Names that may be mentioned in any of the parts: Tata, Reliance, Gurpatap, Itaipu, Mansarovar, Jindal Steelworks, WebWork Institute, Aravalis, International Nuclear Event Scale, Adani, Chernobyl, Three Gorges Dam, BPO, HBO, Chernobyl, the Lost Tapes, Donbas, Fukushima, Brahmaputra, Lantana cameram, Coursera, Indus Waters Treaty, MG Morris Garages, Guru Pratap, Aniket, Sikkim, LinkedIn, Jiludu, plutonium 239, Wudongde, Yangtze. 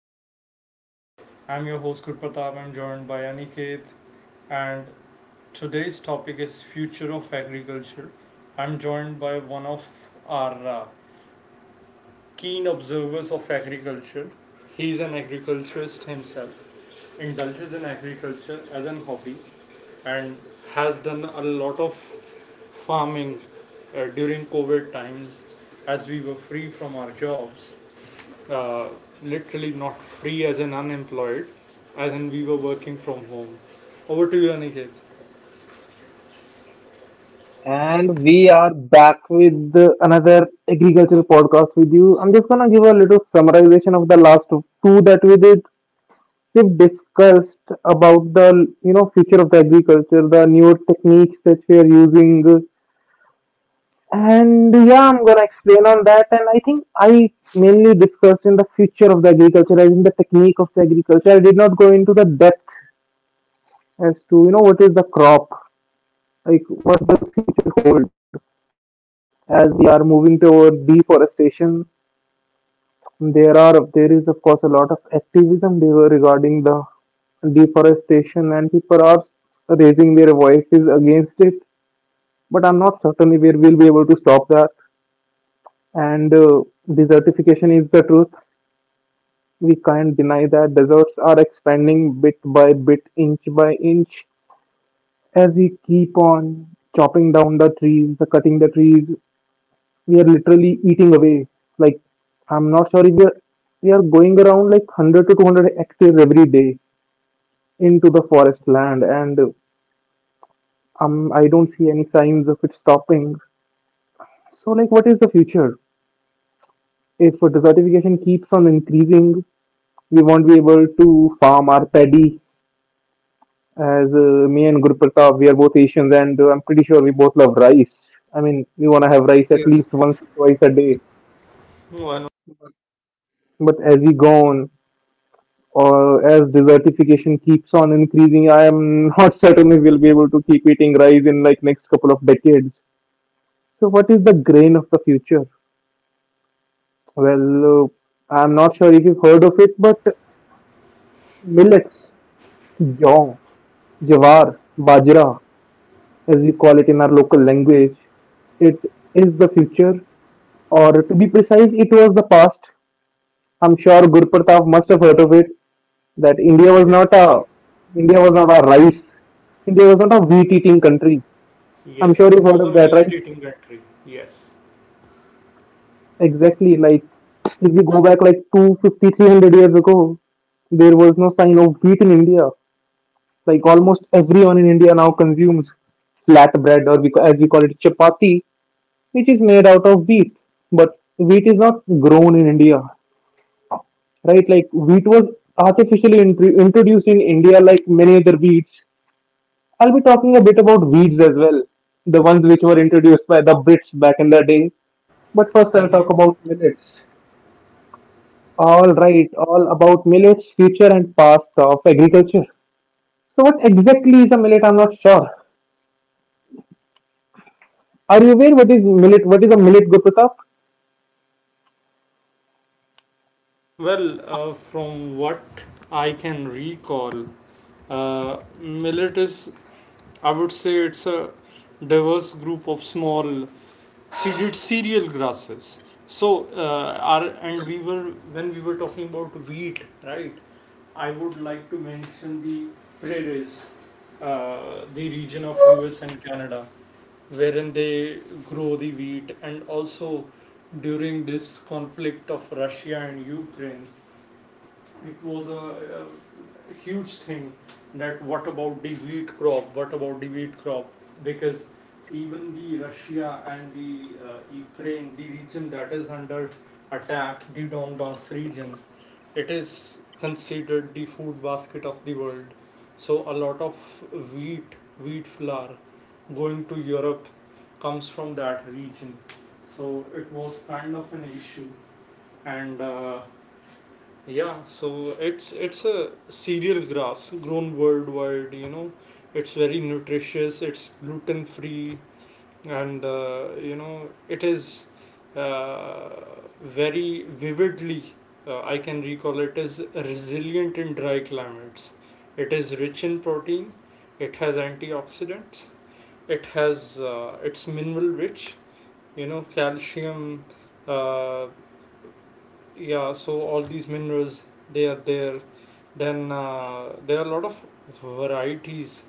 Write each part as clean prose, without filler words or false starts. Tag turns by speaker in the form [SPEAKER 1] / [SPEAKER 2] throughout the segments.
[SPEAKER 1] podcast. I'm your host Gurpatap. I'm joined by Aniket and today's topic is future of agriculture. I'm joined by one of our keen observers of agriculture. He's an agriculturist himself, indulges in agriculture as an hobby and has done a lot of farming during COVID times as we were free from our jobs uh, literally not free as an unemployed, as in we were working from home. Over to you, Aniket.
[SPEAKER 2] And we are back with another agricultural podcast with you. I'm just gonna give a little summarization of the last two that we did. We've discussed about the future of the agriculture, the newer techniques that we are using, and yeah, I'm gonna explain on that. And I think I mainly discussed in the future of the agriculture, as in the technique of the agriculture. I did not go into the depth as to what is the crop, like what does future hold as we are moving toward deforestation. There is of course a lot of activism regarding the deforestation, and people are raising their voices against it. But I'm not certain if we will be able to stop that. And desertification is the truth. We can't deny that deserts are expanding bit by bit, inch by inch. As we keep on chopping down the trees, the cutting the trees, we are literally eating away. Like I'm not sure if we are we are going around like 100 to 200 hectares every day into the forest land and I don't see any signs of it stopping. So, like, what is the future? If desertification keeps on increasing, we won't be able to farm our paddy. As me and Guru Pratap, we are both Asians, and I'm pretty sure we both love rice. I mean, we want to have rice at
[SPEAKER 1] Yes.
[SPEAKER 2] least once or twice a day.
[SPEAKER 1] No, I know.
[SPEAKER 2] But as we go on, or as desertification keeps on increasing, I am not certain if we'll be able to keep eating rice in like next couple of decades. So, what is the grain of the future? Well, I'm not sure if you've heard of it, but millets, jong, jawar, bajra, as we call it in our local language, it is the future, or to be precise, it was the past. I'm sure Gurpratap must have heard of it that
[SPEAKER 1] Yes.
[SPEAKER 2] India was not a rice, India was not a wheat eating country. I'm sure
[SPEAKER 1] Yes,
[SPEAKER 2] you've
[SPEAKER 1] it
[SPEAKER 2] heard
[SPEAKER 1] was
[SPEAKER 2] of
[SPEAKER 1] a
[SPEAKER 2] that, right?
[SPEAKER 1] military country. Yes.
[SPEAKER 2] Exactly, like if we go back like two, 150, 300 years ago, there was no sign of wheat in India. Like almost everyone in India now consumes flat bread, or as we call it, chapati, which is made out of wheat. But wheat is not grown in India, right? Like wheat was artificially introduced in India, like many other wheats. I'll be talking a bit about weeds as well, the ones which were introduced by the Brits back in the day. But first, I'll
[SPEAKER 1] Hmm.
[SPEAKER 2] talk about millets. All right, all about millets, future and past of agriculture. So, what exactly is a millet? I'm not sure. Are you aware what is millet? What is a millet, Guru Pratap?
[SPEAKER 1] Well, from what I can recall, millet is, I would say, it's a diverse group of small seeded cereal grasses. So, our, and we were when we were talking about wheat, right? I would like to mention the prairies, the region of U.S. and Canada, wherein they grow the wheat, and also during this conflict of Russia and Ukraine, it was a huge thing that what about the wheat crop because even the russia and the ukraine, the region that is under attack, the Donbas region, it is considered the food basket of the world. So a lot of wheat wheat flour going to europe comes from that region. So it was kind of an issue. And yeah, so it's a cereal grass grown worldwide, you know. It's very nutritious, it's gluten free, and you know, it is uh, very vividly, I can recall it is resilient in dry climates. It is rich in protein, it has antioxidants, it has it's mineral rich, you know, calcium, uh, yeah, so all these minerals they are there. Then there are a lot of varieties.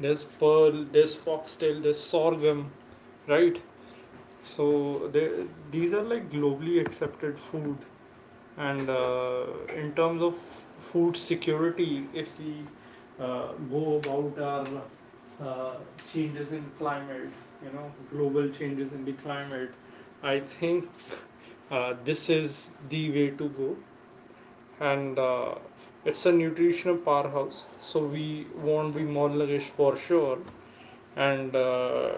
[SPEAKER 1] There's pearl, there's foxtail, there's sorghum, right? So these are like globally accepted food. And in terms of food security, if we go about our uh, changes in climate, you know, global changes in the climate, I think this is the way to go. And it's a nutritional powerhouse, so we won't be malnourished for sure. And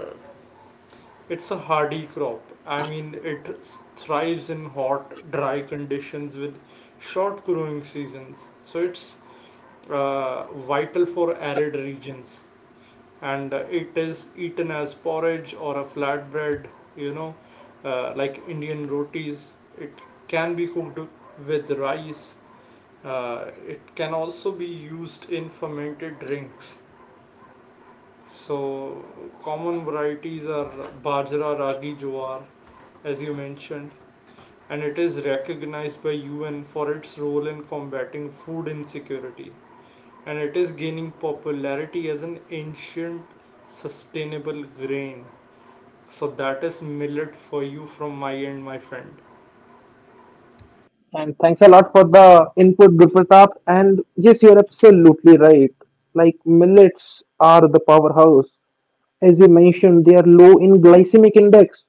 [SPEAKER 1] it's a hardy crop. I mean, it thrives in hot dry conditions with short growing seasons, so it's uh, vital for arid regions. And it is eaten as porridge or a flatbread, you know, like indian rotis. It can be cooked with rice. It can also be used in fermented drinks. So, common varieties are bajra, ragi, jowar, as you mentioned, and it is recognized by UN for its role in combating food insecurity. And it is gaining popularity as an ancient sustainable grain. So, that is millet for you from my end, my friend.
[SPEAKER 2] And thanks a lot for the input, Guru Pratap. And yes, you're absolutely right. Like millets are the powerhouse. As you mentioned, they are low in glycemic index.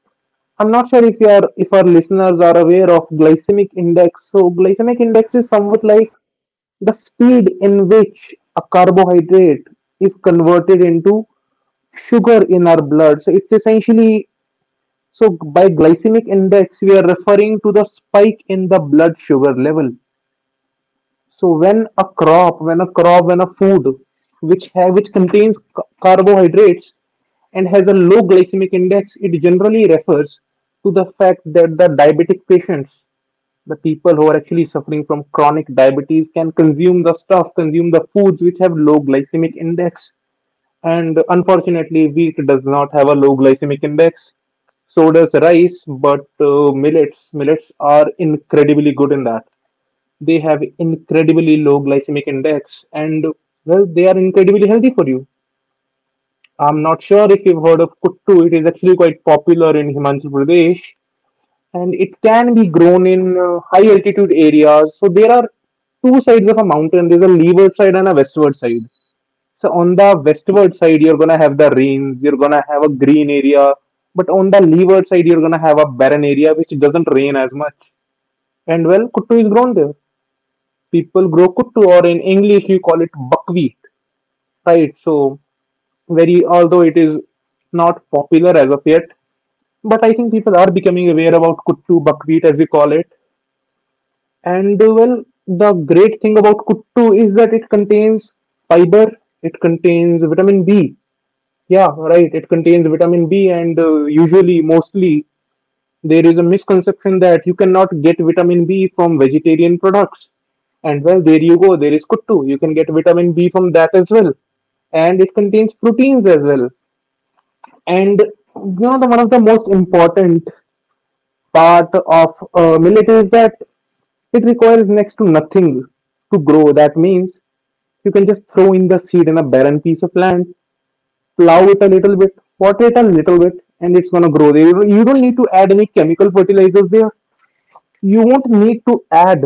[SPEAKER 2] I'm not sure if you are if our listeners are aware of glycemic index. So glycemic index is
[SPEAKER 1] Yes.
[SPEAKER 2] somewhat like the speed in which a carbohydrate is converted into sugar in our blood. So it's essentially So by glycemic index, we are referring to the spike in the blood sugar level. So when a food which contains carbohydrates and has a low glycemic index, it generally refers to the fact that the diabetic patients, the people who are actually suffering from chronic diabetes, can consume the foods which have low glycemic index, and unfortunately, wheat does not have a low glycemic index. So does rice, but millets are incredibly good in that. They have incredibly low glycemic index, and well, they are incredibly healthy for you. I'm not sure if you've heard of kuttu. It is actually quite popular in Himachal Pradesh, and it can be grown in high altitude areas. So there are two sides of a mountain. There's a leeward side and a westward side. So on the westward side, you're gonna have the rains, you're gonna have a green area, but on the leeward side, you're gonna have a barren area which doesn't rain as much. And well, kuttu is grown there. People grow kuttu, or in English, you call it buckwheat, right? So very, although it is not popular as of yet, but I think people are becoming aware about kuttu buckwheat as we call it. And well, the great thing about kuttu is that it contains fiber, it contains vitamin B. Yeah, right. It contains vitamin B, and usually, mostly, there is a misconception that you cannot get vitamin B from vegetarian products. And well, there you go. There is kuttu. You can get vitamin B from that as well. And it contains proteins as well. And the one of the most important part of millet is that it requires next to nothing to grow. That means you can just throw in the seed in a barren piece of land, plow it a little bit, water it a little bit, and it's gonna grow. You don't need to add any chemical fertilizers there. You won't need to add,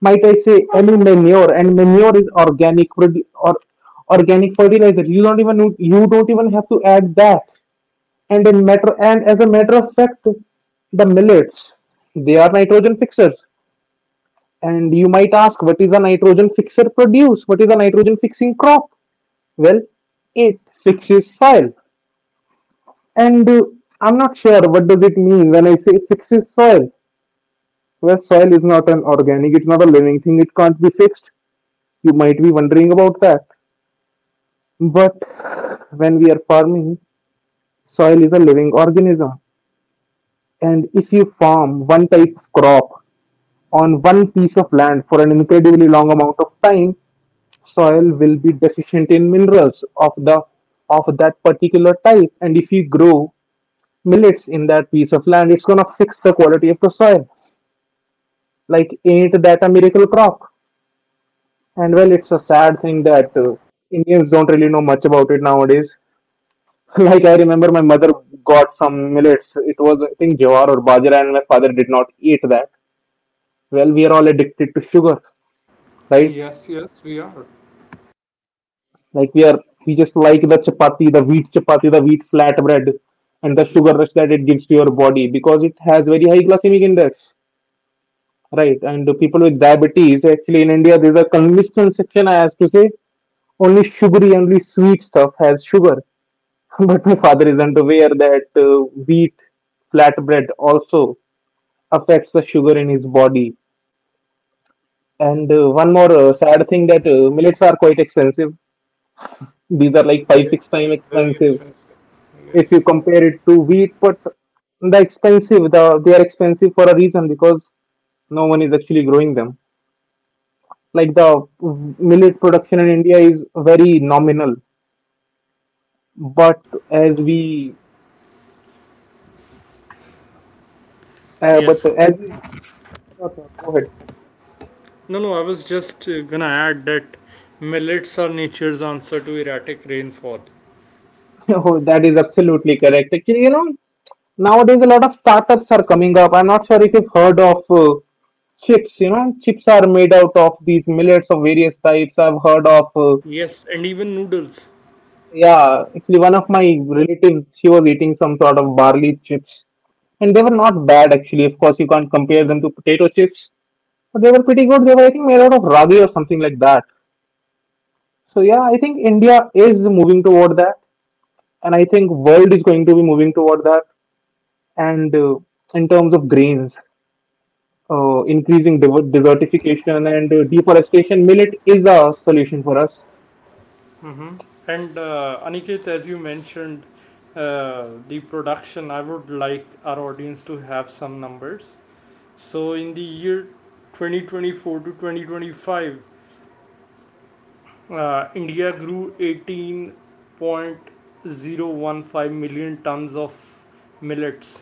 [SPEAKER 2] might I say, any manure. And manure is organic or organic fertilizer. You don't even have to add that. And in matter and as a matter of fact, the millets they are nitrogen fixers. And you might ask, what is a nitrogen fixer produce? What is a nitrogen fixing crop? Well, it fixes soil. And I'm not sure what does it mean when I say fixes soil. Well, soil is not an organic, it's not a living thing, it can't be fixed. You might be wondering about that. But when we are farming, soil is a living organism. And if you farm one type of crop on one piece of land for an incredibly long amount of time, soil will be deficient in minerals of that particular type, and if you grow millets in that piece of land, it's going to fix the quality of the soil. Like, ain't that a miracle crop? And well, it's a sad thing that Indians don't really know much about it nowadays. Like, I remember my mother got some millets. It was, I think, jawar or bajra, and my father did not eat that. Well, we are all addicted to sugar, right?
[SPEAKER 1] Yes, yes, we are.
[SPEAKER 2] Like we just like the chapati, the wheat chapati, the wheat flatbread, and the sugar rush that it gives to your body because it has very high glycemic index, right? And the people with diabetes, actually in India, there's a misconception, I have to say, only sugary, only sweet stuff has sugar. But my father isn't aware that wheat flatbread also affects the sugar in his body. And one more sad thing that millets are quite expensive. These are like five, six
[SPEAKER 1] Yes.
[SPEAKER 2] times
[SPEAKER 1] Very
[SPEAKER 2] expensive
[SPEAKER 1] expensive.
[SPEAKER 2] if you
[SPEAKER 1] Yes.
[SPEAKER 2] compare it to wheat. But they are expensive for a reason because no one is actually growing them. Like the
[SPEAKER 1] Mm.
[SPEAKER 2] millet production in India is very nominal, but as we but
[SPEAKER 1] Yes.
[SPEAKER 2] as sure, sir. Go ahead.
[SPEAKER 1] No, no, I was just gonna add that millets are nature's answer to erratic rainfall.
[SPEAKER 2] Oh, that is absolutely correct. Actually, nowadays a lot of startups are coming up. I'm not sure if you've heard of chips. Chips are made out of these millets of various types. I've heard of,
[SPEAKER 1] Yes, and even noodles.
[SPEAKER 2] yeah, actually, one of my relatives, she was eating some sort of barley chips, and they were not bad, actually. Of course, you can't compare them to potato chips, but they were pretty good. They were, I think, made out of ragi or something like that. So, yeah, I think India is moving toward that, and I think world is going to be moving toward that, and in terms of grains, increasing desertification and deforestation, millet is a solution for us.
[SPEAKER 1] And Aniket, as you mentioned, the production, I would like our audience to have some numbers. So, in the year 2024 to 2025, India grew 18.015 million tons of millets.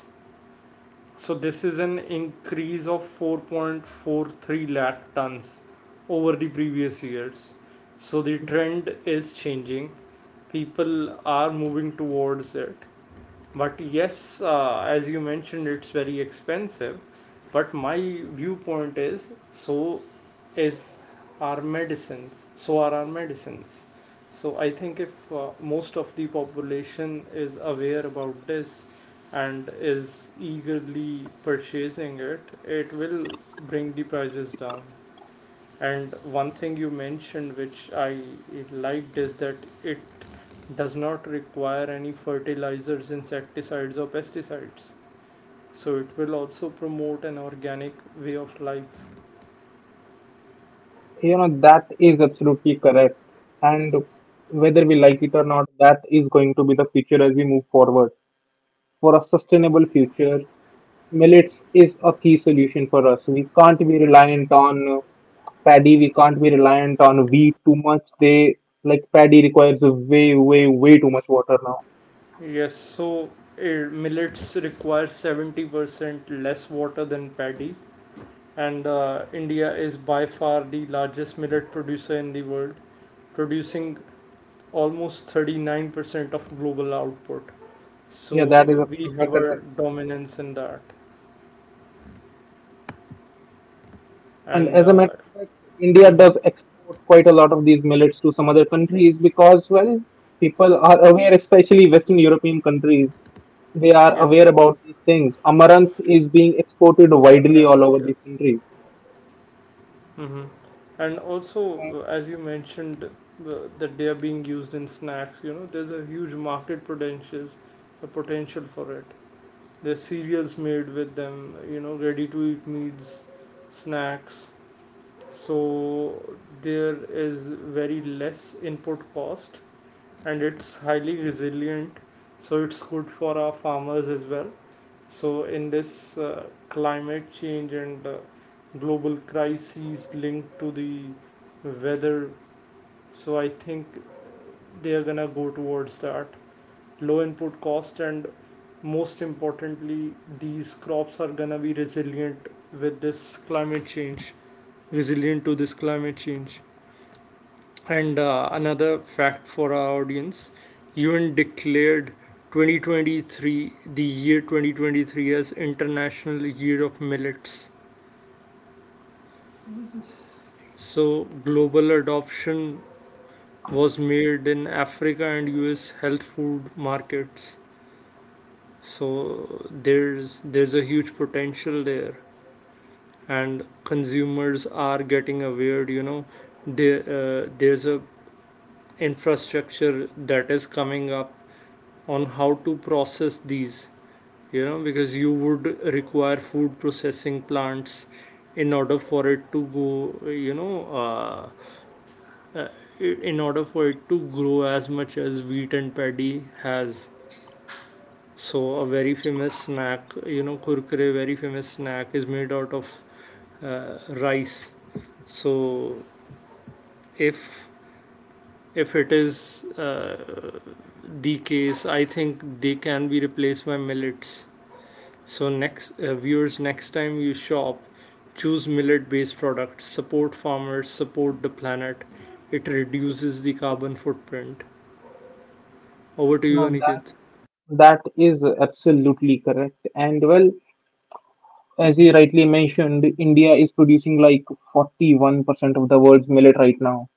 [SPEAKER 1] So this is an increase of 4.43 lakh tons over the previous years. So the trend is changing. People are moving towards it, but yes, as you mentioned, it's very expensive. But my viewpoint is, is our medicines so are our medicines. So I think if most of the population is aware about this and is eagerly purchasing it, it will bring the prices down. And one thing you mentioned which I liked is that it does not require any fertilizers, insecticides or pesticides, so it will also promote an organic way of life.
[SPEAKER 2] That is absolutely correct. And whether we like it or not, that is going to be the future as we move forward. For a sustainable future, millets is a key solution for us. We can't be reliant on paddy. We can't be reliant on wheat too much. They Like paddy requires way, way, way too much water now.
[SPEAKER 1] Yes, so millets require 70% less water than paddy. And india is by far the largest millet producer in the world, producing almost 39% of global output. So
[SPEAKER 2] Yeah, that is
[SPEAKER 1] we
[SPEAKER 2] absolutely
[SPEAKER 1] have a
[SPEAKER 2] correct.
[SPEAKER 1] dominance in that.
[SPEAKER 2] And
[SPEAKER 1] And
[SPEAKER 2] as a matter of fact, India
[SPEAKER 1] mhm.
[SPEAKER 2] does export quite a lot of these millets to some other countries because, well, people are aware, especially Western European countries, they are aware
[SPEAKER 1] Yes.
[SPEAKER 2] about these things. Amaranth is being exported widely all
[SPEAKER 1] Emirates,
[SPEAKER 2] over these
[SPEAKER 1] yes.
[SPEAKER 2] countries.
[SPEAKER 1] Hmm. And also
[SPEAKER 2] And
[SPEAKER 1] as you mentioned that they are being used in snacks, you know, there's a huge market potentials, a potential for it. There's cereals made with them, you know, ready to eat meals, snacks. So there is very less input cost and it's highly resilient, so it's good for our farmers as well. So in this climate change and global crises linked to the weather, so I think they are gonna go towards that low input cost. And most importantly, these crops are gonna be resilient with this climate change resilient to this climate change. And another fact for our audience, UN declared 2023, the year 2023, as International Year of Millets. So global adoption was made in Africa and US health food markets. So there's a huge potential there and consumers are getting aware, you know, there's a infrastructure that is coming up on how to process these, you know, because you would require food processing plants in order for it to go, you know, uh, uh, in order for it to grow as much as wheat and paddy has. So a very famous snack, you know, kurkure very famous snack is made out of uh, rice. So if if it is uh, the case I think they can be replaced by millets. So next viewers, next time you shop, choose millet-based products. Support farmers, support the planet. It reduces the carbon footprint. Over to
[SPEAKER 2] you
[SPEAKER 1] you,
[SPEAKER 2] know, that
[SPEAKER 1] Aniket.
[SPEAKER 2] that is absolutely correct. And well, as you rightly mentioned, India is producing like 41% of the world's millet right now.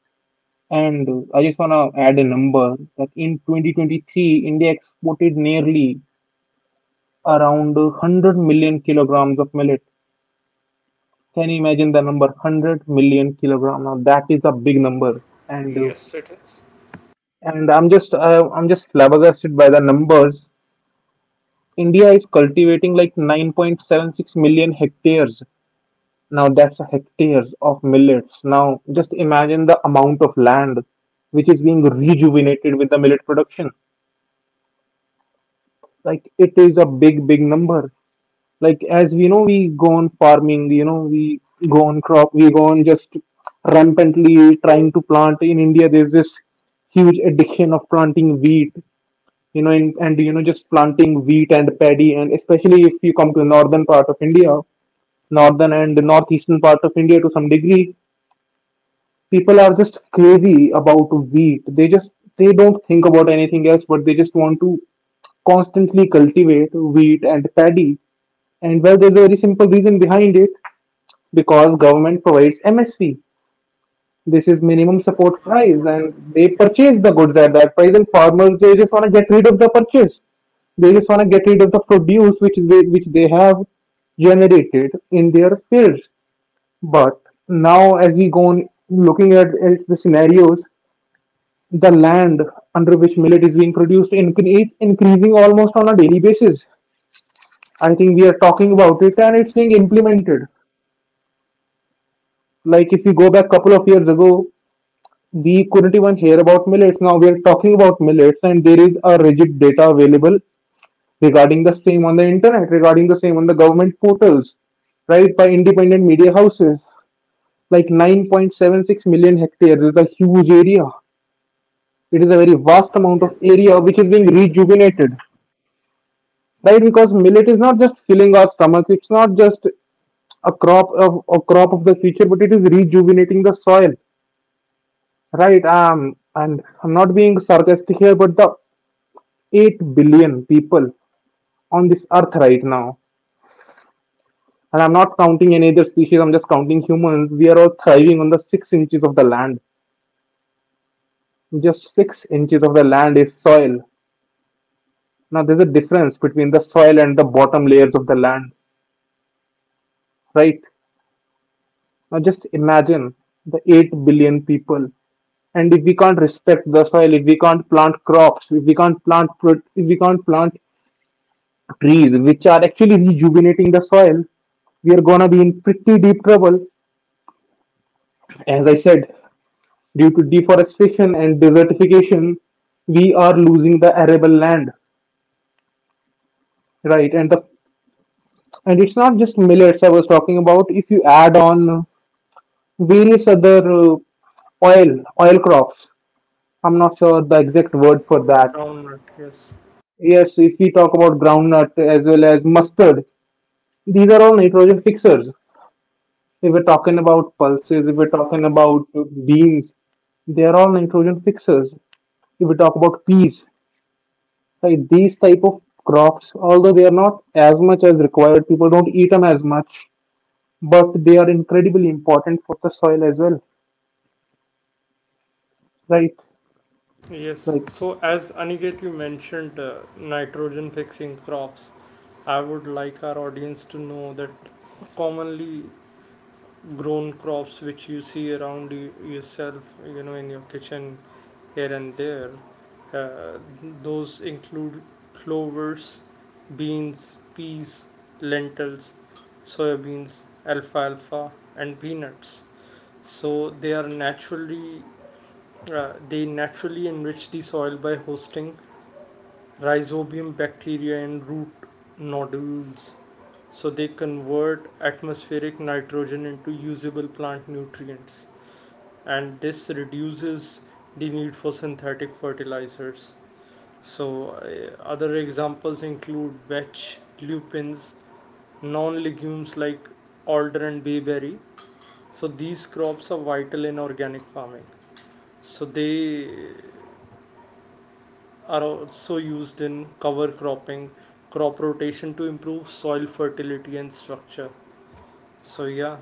[SPEAKER 2] And I just want to add a number that in 2023, India exported nearly around 100 million kilograms of millet. Can you imagine the number? 100 million kilograms. Now that is a big number, and uh,
[SPEAKER 1] Yes, it is.
[SPEAKER 2] and I'm just flabbergasted by the numbers. India is cultivating like 9.76 million hectares. Now that's a hectares of millets. Now just imagine the amount of land which is being rejuvenated with the millet production. Like, it is a big, big number. Like, as we know, we go on farming, we go on crop, we go on, just rampantly trying to plant. In India, there's this huge addiction of planting wheat, and just planting wheat and paddy. And especially if you come to northern part of India, northern and northeastern part of India to some degree, people are just crazy about wheat. They just, they don't think about anything else, but they just want to constantly cultivate wheat and paddy. And well, there's a very simple reason behind it, because government provides MSP. This is
[SPEAKER 1] Yes,
[SPEAKER 2] minimum support
[SPEAKER 1] minimum
[SPEAKER 2] price,
[SPEAKER 1] support price.
[SPEAKER 2] and they
[SPEAKER 1] Yes,
[SPEAKER 2] purchase the goods at that price. And farmers, they just want to get rid of the purchase. They just want to get rid of the produce which they have generated in their fields. But now, as we go on looking at the scenarios, the land under which millet is being produced is increasing almost on a daily basis. I think we are talking about it and it's being implemented. Like, if you go back couple of years ago, we couldn't even hear about millets. Now we are talking about millets, and there is a rigid data available regarding the same on the internet, regarding the same on the government portals, right? By independent media houses. Like, 9.76 million hectares is a huge area. It is a very vast amount of
[SPEAKER 1] yes,
[SPEAKER 2] area which is being
[SPEAKER 1] agree.
[SPEAKER 2] rejuvenated, right? Because millet is not just filling our stomach, it's not just a crop of the future, but it is rejuvenating the soil, right. And I'm not being sarcastic here, but the 8 billion people on this earth right now. And I'm not counting any other species, I'm just counting humans. We are all thriving on the 6 inches of the land. Just 6 inches of the land is soil. Now, there's a difference between the soil and the bottom layers of the land, right? Now, just imagine the 8 billion people. And if we can't respect the soil, if we can't plant crops, if we can't plant, if we can't plant trees, which are actually rejuvenating the soil, we are gonna be in pretty deep trouble. As I said, due to deforestation and desertification, we are losing the arable land, right? And the, and it's not just millets I was talking about. If you add on various other oil oil crops, I'm not sure the exact word for that.
[SPEAKER 1] Groundnut, yes.
[SPEAKER 2] Yes, if we talk about groundnut as well as mustard, these are all nitrogen fixers. If we're talking about pulses, if we're talking about beans, they are all nitrogen fixers. If we talk about peas, like, these type of crops, although they are not as much as required, people don't eat them as much, but they are incredibly important for the soil as well, right?
[SPEAKER 1] Yes.
[SPEAKER 2] Like,
[SPEAKER 1] So as Aniket you mentioned nitrogen fixing crops, I would like our audience to know that commonly grown crops which you see around you, yourself, you know, in your kitchen here and there, uh, those include clovers, beans, peas, lentils, soybeans, alfalfa and peanuts. So they are naturally they naturally enrich the soil by hosting rhizobium bacteria and root nodules. So they convert atmospheric nitrogen into usable plant nutrients, and this reduces the need for synthetic fertilizers. So, other examples include vetch, lupins, non legumes like alder and bayberry. So, these crops are vital in organic farming. So, they are also used in cover cropping, crop rotation to improve soil fertility and structure. So, yeah,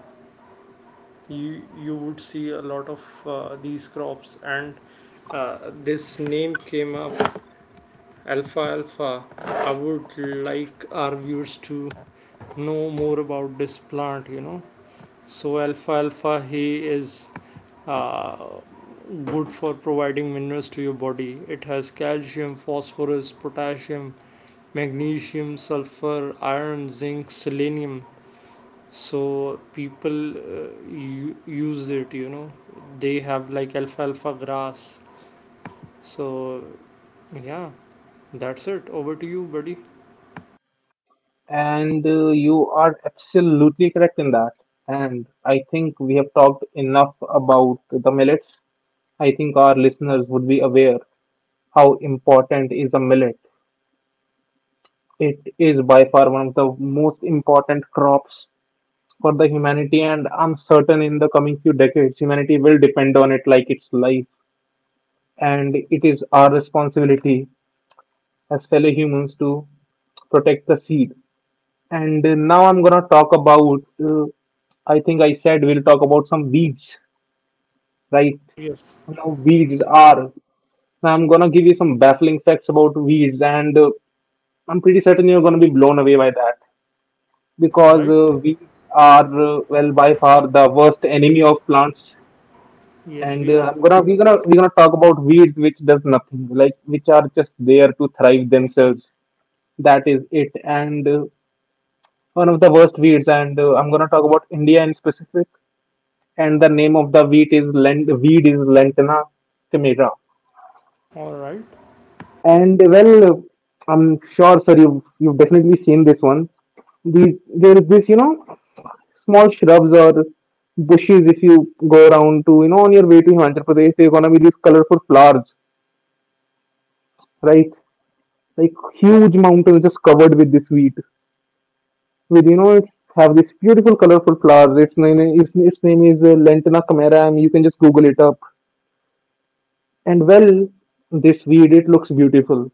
[SPEAKER 1] you would see a lot of these crops, and this name came up, Alpha Alpha. I would like our viewers to know more about this plant, you know. So, Alpha Alpha, he is uh, good for providing minerals to your body. It has calcium, phosphorus, potassium, magnesium, sulfur, iron, zinc, selenium. So, people use it, you know. They have like alpha alpha grass. So, yeah, that's it. Over to you, buddy.
[SPEAKER 2] and you are absolutely correct in that. And I think we have talked enough about the millets. I think our listeners would be aware how important is a millet. It is by far one of the most important crops for the humanity, and I'm certain in the coming few decades, humanity will depend on it like its life. And it is our responsibility as fellow humans to protect the seed. And now I'm gonna talk about. I think I said we'll talk about some weeds, right?
[SPEAKER 1] Yes.
[SPEAKER 2] Now weeds are. Now I'm gonna give you some baffling facts about weeds, and I'm pretty certain you're gonna be blown away by that,
[SPEAKER 1] All
[SPEAKER 2] because
[SPEAKER 1] right.
[SPEAKER 2] weeds are, well, by far the worst enemy of plants.
[SPEAKER 1] Yes,
[SPEAKER 2] and
[SPEAKER 1] we
[SPEAKER 2] uh,
[SPEAKER 1] are.
[SPEAKER 2] I'm gonna we're gonna we're gonna talk about weeds which does nothing, like, which are just there to thrive themselves. That is it. And uh, one of the worst weeds, and I'm gonna talk about India in specific, and the name of the wheat is lent weed is Lentana chimera.
[SPEAKER 1] All right.
[SPEAKER 2] And well, I'm sure sir you have, you've definitely seen this one. These there is this small shrubs or bushes. If you go around to, on your way to Himachal Pradesh, they're gonna be these colorful flowers, right? Like, huge mountains just covered with this wheat. With, it have this beautiful, colorful flowers. Its name is Lantana cameram. You can just Google it up. And well, this weed, it looks beautiful.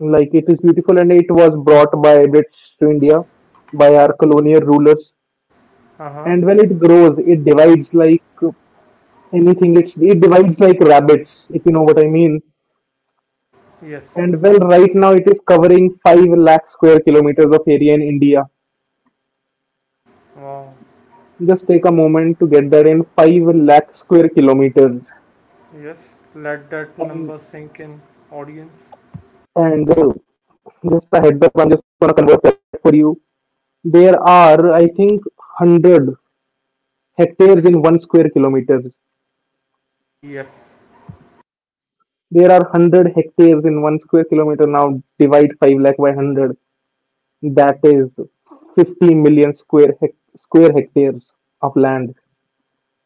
[SPEAKER 2] Like, it is beautiful, and it was brought by Brits to India by our colonial rulers.
[SPEAKER 1] Uh huh.
[SPEAKER 2] And well, it grows. It divides like anything. It's, it divides like rabbits, if you know what I mean.
[SPEAKER 1] Yes.
[SPEAKER 2] And well, right now it is covering 5 lakh square kilometers of area in India.
[SPEAKER 1] Wow.
[SPEAKER 2] Just take a moment to get that in. 5 lakh square kilometers.
[SPEAKER 1] Yes. Let that
[SPEAKER 2] And
[SPEAKER 1] number sink in, audience.
[SPEAKER 2] and just a heads up, I'm just gonna convert that for you. There are, I think, 100 hectares in 1 square kilometers.
[SPEAKER 1] Yes.
[SPEAKER 2] There are 100 hectares in 1 square kilometer. Now divide 5 lakh by 100. That is 50 million square square hectares of land.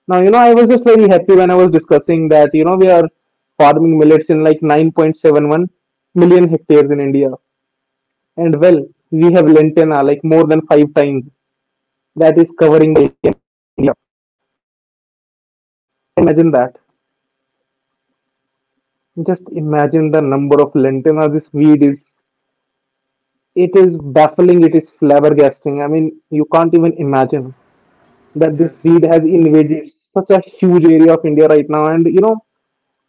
[SPEAKER 2] Now, you know, I was just very happy when I was discussing that, you know, we are farming millets in like 9.71 million hectares in India. And well, we have lantana like more than five times. That is covering India. Imagine that. Just imagine the number of lantana this weed is. It is baffling, it is flabbergasting. I mean, you can't even imagine that this
[SPEAKER 1] Yes.
[SPEAKER 2] weed has invaded such a huge area of India right now. And you know,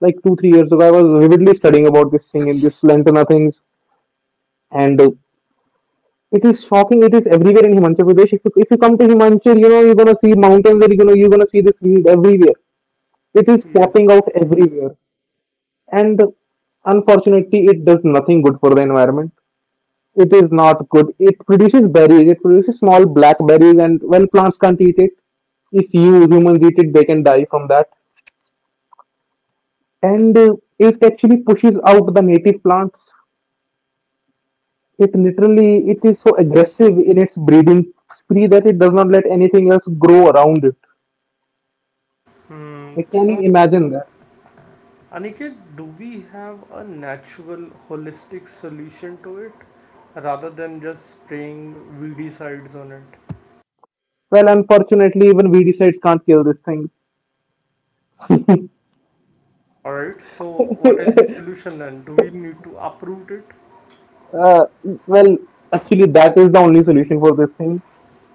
[SPEAKER 2] like two, 3 years ago, I was vividly studying about this thing in this lantana things. And it is shocking. It is everywhere in Himachal Pradesh. If you come to Himachal, you're going to see mountains there, you're going to see this weed everywhere. It is popping
[SPEAKER 1] Yes.
[SPEAKER 2] out everywhere, and unfortunately, it does nothing good for the environment. It is not good. It produces berries. It produces small blackberries, and well, plants can't eat it. If you humans eat it, they can die from that. And it actually pushes out the native plants. It is so aggressive in its breeding spree that it does not let anything else grow around it.
[SPEAKER 1] Hmm.
[SPEAKER 2] Like, can you
[SPEAKER 1] So,
[SPEAKER 2] imagine that?
[SPEAKER 1] Aniket, do we have a natural, holistic solution to it, rather than just spraying weedy sides on it?
[SPEAKER 2] Well, unfortunately, even weedicides can't kill this thing.
[SPEAKER 1] All right. So, what is the solution then? Do we need to uproot it?
[SPEAKER 2] Uh, well, actually, that is the only solution for this thing.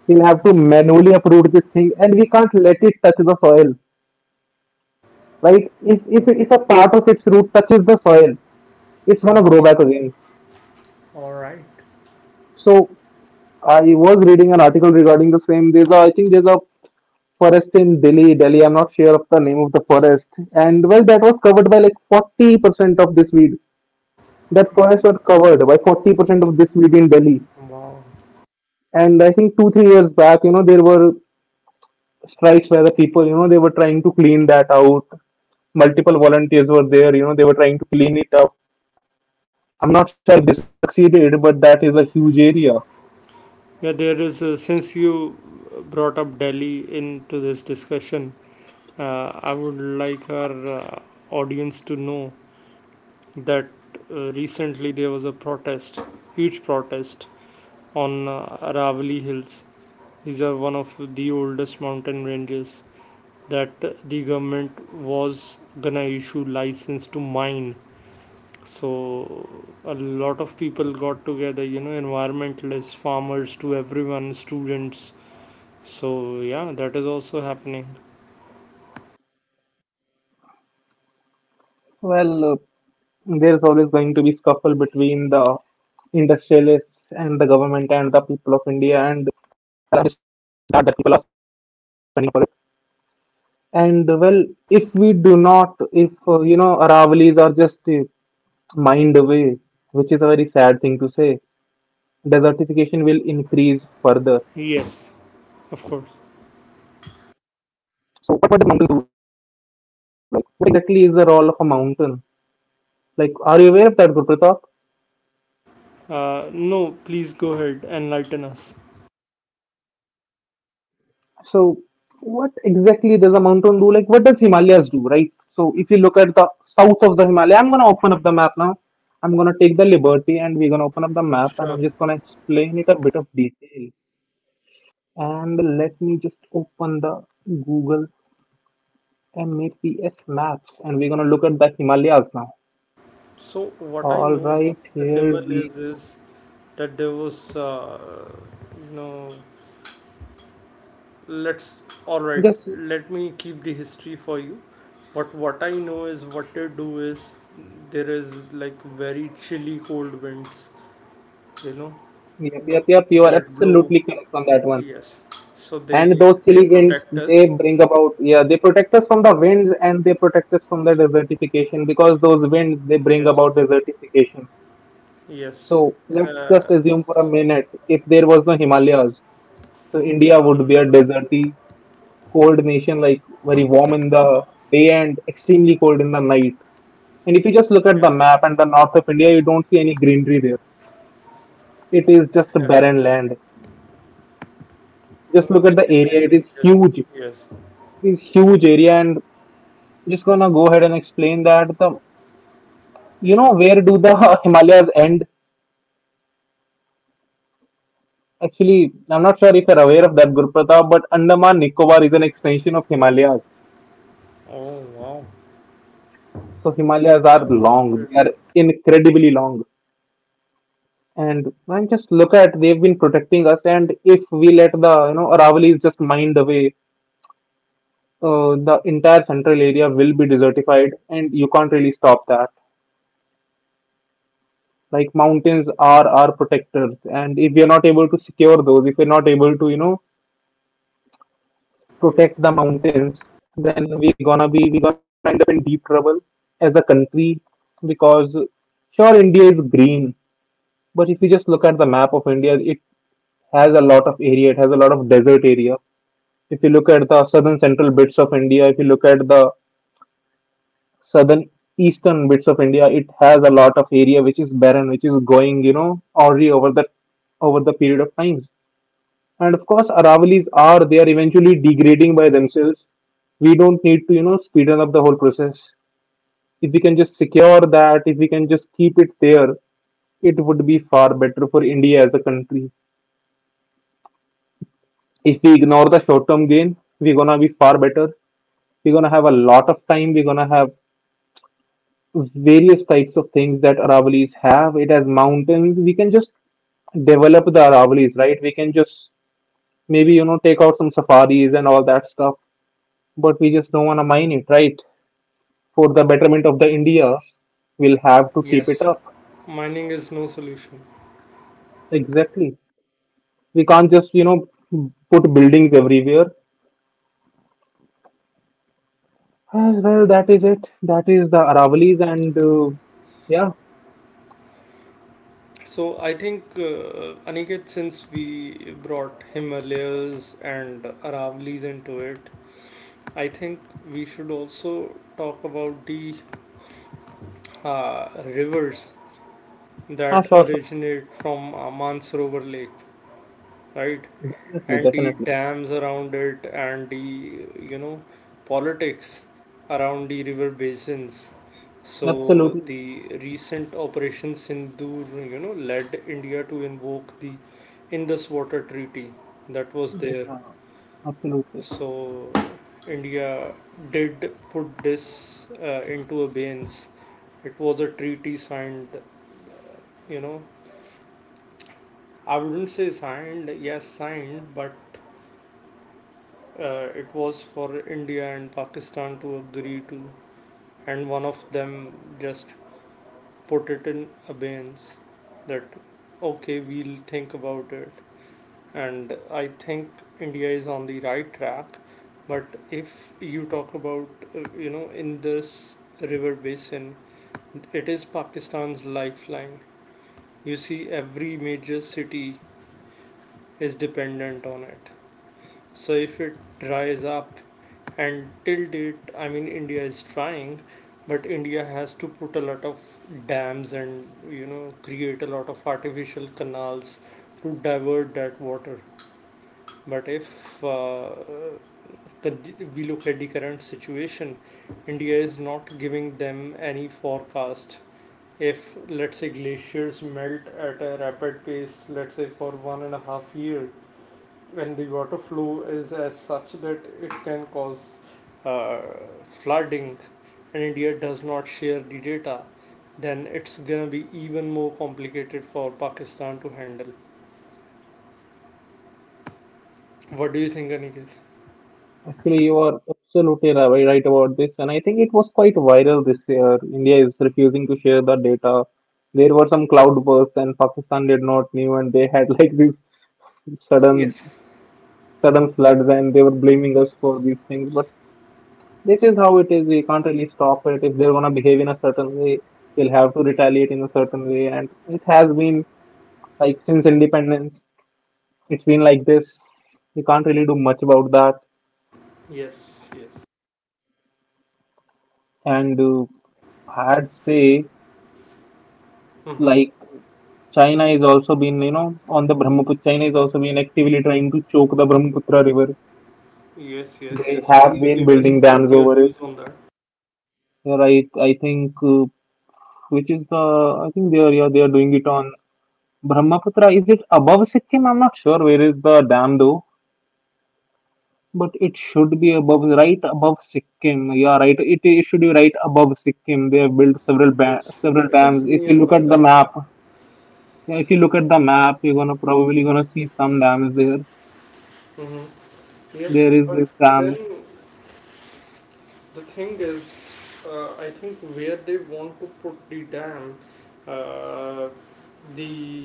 [SPEAKER 2] We'll have to manually uproot this thing, and we can't let it touch the soil, right? If a part of its root touches the soil, it's gonna grow back again.
[SPEAKER 1] All right.
[SPEAKER 2] So I was reading an article regarding the same. I think there's a forest in Delhi. I'm not sure of the name of the forest, and well, that was covered by like 40% of this weed. That forest was covered by 40% of this weed in Delhi.
[SPEAKER 1] Wow.
[SPEAKER 2] And I think 2-3 years back, there were strikes where the people, they were trying to clean that out. Multiple volunteers were there, they were trying to clean it up. I'm not sure if they succeeded, but that is a huge area.
[SPEAKER 1] Yeah, there is, since you brought up Delhi into this discussion, I would like our audience to know that recently there was a protest, huge protest on Aravali Hills. These are one of the oldest mountain ranges that the government was gonna issue license to mine. So a lot of people got together, you know, environmentalists, farmers, to everyone, students. So, yeah, that is also happening.
[SPEAKER 2] Well, there is always going to be scuffle between the industrialists and the government and the people of India, and the people are for it. And well, if we do not, if Aravalis are just mined away, which is a very sad thing to say, desertification will increase further.
[SPEAKER 1] Yes, of course.
[SPEAKER 2] Exactly is the role of a mountain? Like, are you aware of that, Gurpratap?
[SPEAKER 1] No, please go ahead, enlighten us.
[SPEAKER 2] So, what exactly does a mountain do? Like, what does Himalayas do, right? So, if you look at the south of the Himalaya, I'm gonna open up the map now. I'm gonna take the liberty and we're gonna open up the map,
[SPEAKER 1] Sure.
[SPEAKER 2] and I'm just gonna explain it a bit of detail. And let me just open the Google Maps and we're gonna look at the Himalayas now.
[SPEAKER 1] So what I
[SPEAKER 2] All
[SPEAKER 1] know
[SPEAKER 2] right,
[SPEAKER 1] about the
[SPEAKER 2] here we
[SPEAKER 1] Himalayas
[SPEAKER 2] go.
[SPEAKER 1] is that there was, you know, let's all right,
[SPEAKER 2] Just,
[SPEAKER 1] let me keep the history for you. But what I know is what they do is there is like very chilly cold winds, you know,
[SPEAKER 2] yep, yep, yep. You are
[SPEAKER 1] that blow.
[SPEAKER 2] absolutely correct on that one.
[SPEAKER 1] Yes. So
[SPEAKER 2] And
[SPEAKER 1] they
[SPEAKER 2] those
[SPEAKER 1] they
[SPEAKER 2] chilly winds,
[SPEAKER 1] protect us.
[SPEAKER 2] they bring about, yeah, they protect us from the winds, and they protect us from the desertification because those winds they bring
[SPEAKER 1] Yes.
[SPEAKER 2] about desertification. So
[SPEAKER 1] Yes.
[SPEAKER 2] let's just
[SPEAKER 1] Uh,
[SPEAKER 2] assume for a
[SPEAKER 1] s-
[SPEAKER 2] minute if there was no Himalayas, so India would be
[SPEAKER 1] mm,
[SPEAKER 2] a deserty cold nation, like very warm in the day and extremely cold in the night. And if you just look at the
[SPEAKER 1] yes.
[SPEAKER 2] map and the north of India, you don't see any greenery there. It is just
[SPEAKER 1] Exactly.
[SPEAKER 2] barren land. Just
[SPEAKER 1] No,
[SPEAKER 2] look at
[SPEAKER 1] the
[SPEAKER 2] the area.
[SPEAKER 1] Tibet
[SPEAKER 2] It is
[SPEAKER 1] region.
[SPEAKER 2] huge. It
[SPEAKER 1] Yes.
[SPEAKER 2] is huge area. And just gonna go ahead and explain that the you know
[SPEAKER 1] Sure.
[SPEAKER 2] where do the Himalayas end? Actually, I'm not sure if you're aware of that, Guru Pratap, but Andaman Nicobar is an extension of Himalayas.
[SPEAKER 1] Oh, wow.
[SPEAKER 2] So Himalayas are
[SPEAKER 1] That was a
[SPEAKER 2] long;
[SPEAKER 1] great
[SPEAKER 2] they are
[SPEAKER 1] fact.
[SPEAKER 2] incredibly long. And man, just look at, they've been protecting us. And if we let the Aravallis just mined away, the entire central area will be desertified, and you can't really stop that. Like mountains are our protectors, and if we are not able to secure those, if we're not able to
[SPEAKER 1] Yes.
[SPEAKER 2] protect the mountains, then we gonna end up in deep trouble as a country. Because sure, India is green, but if you just look at the map of India, it has a lot of area. It has a lot of desert area. If you look at the southern central bits of India, if you look at the southern eastern bits of India, it has a lot of area which is barren, which is going already over the period of times. And of course Aravalis are, they are eventually degrading by themselves. We don't need to speed up the whole process. If we can just secure that, if we can just keep it there, it would be far better for India as a country. If we ignore the short term gain, we're gonna be far better. We're gonna have a lot of time. We're gonna have various types of things that Aravalis have. It has mountains. We can just develop the Aravalis, right? We can just maybe take out some safaris and all that stuff. But we just don't want to mine it, right? For the betterment of the India, we'll have to keep it
[SPEAKER 1] Yes.
[SPEAKER 2] up.
[SPEAKER 1] Mining is no solution.
[SPEAKER 2] Exactly. We can't just, put buildings everywhere. As well, that is it. That is the Aravalis and, yeah.
[SPEAKER 1] So I think Aniket, since we brought Himalayas and Aravallis into it, I think we should also talk about the rivers
[SPEAKER 2] Ah,
[SPEAKER 1] that
[SPEAKER 2] sure, sure.
[SPEAKER 1] originate from Mansarovar Lake, right?
[SPEAKER 2] Definitely,
[SPEAKER 1] And the
[SPEAKER 2] definitely.
[SPEAKER 1] dams around it and the, you know, politics around the river basins. So
[SPEAKER 2] Absolutely.
[SPEAKER 1] the recent operation sindur, you know, led india to invoke the indus water treaty that was there.
[SPEAKER 2] Yeah, absolutely.
[SPEAKER 1] So india did put this into abeyance. It was a treaty signed, you know, I wouldn't say signed yes, signed, but it was for India and Pakistan to agree to, and one of them just put it in abeyance, that okay, we'll think about it. And I think India is on the right track, but if you talk about, you know, in this river basin, it is Pakistan's lifeline. You see, every major city is dependent on it. So if it dries up, and till date, I mean, India is trying, but India has to put a lot of dams, and you know, create a lot of artificial canals to divert that water. But if we look at the current situation, India is not giving them any forecast. If let's say glaciers melt at a rapid pace, let's say for 1.5 year, when the water flow is as such that it can cause uh, flooding, and India does not share the data, then it's gonna be even more complicated for Pakistan to handle. What do you think, Aniket?
[SPEAKER 2] Actually, you are absolutely right about this, and I think it was quite viral this year. India is refusing to share the data. There were some cloudbursts, and Pakistan did not knew, and they had like this sudden
[SPEAKER 1] Yes,
[SPEAKER 2] sudden floods, and they were blaming us for these things. But this is how it is. We can't really stop it. If they're going to behave in a certain way, we'll have to retaliate in a certain way, and it has been like since independence. It's been like this. We can't really do much about that.
[SPEAKER 1] yes, yes.
[SPEAKER 2] And I'd say,
[SPEAKER 1] Mm-hmm.
[SPEAKER 2] like, China is also been on the Brahmaputra. China is also been actively trying to choke the Brahmaputra river.
[SPEAKER 1] Yes, yes,
[SPEAKER 2] They
[SPEAKER 1] yes.
[SPEAKER 2] have
[SPEAKER 1] Please
[SPEAKER 2] been
[SPEAKER 1] give
[SPEAKER 2] building
[SPEAKER 1] us
[SPEAKER 2] dams
[SPEAKER 1] your
[SPEAKER 2] over it.
[SPEAKER 1] views on that.
[SPEAKER 2] Yeah, right. I think which is the I think they are, yeah, they are doing it on Brahmaputra. Is it above Sikkim? I'm not sure where is the dam though, but it should be above, right above Sikkim. Yeah, right. It should be right above Sikkim. They have built several ba-
[SPEAKER 1] Yes,
[SPEAKER 2] several
[SPEAKER 1] it is
[SPEAKER 2] dams. If you look
[SPEAKER 1] nearby
[SPEAKER 2] at the
[SPEAKER 1] that.
[SPEAKER 2] map, yeah, if you look at the map, you're gonna probably gonna see some dams there.
[SPEAKER 1] Mm-hmm. Yes,
[SPEAKER 2] There is
[SPEAKER 1] but
[SPEAKER 2] this
[SPEAKER 1] then
[SPEAKER 2] dam.
[SPEAKER 1] the thing is, I think where they want to put the dam, uh, the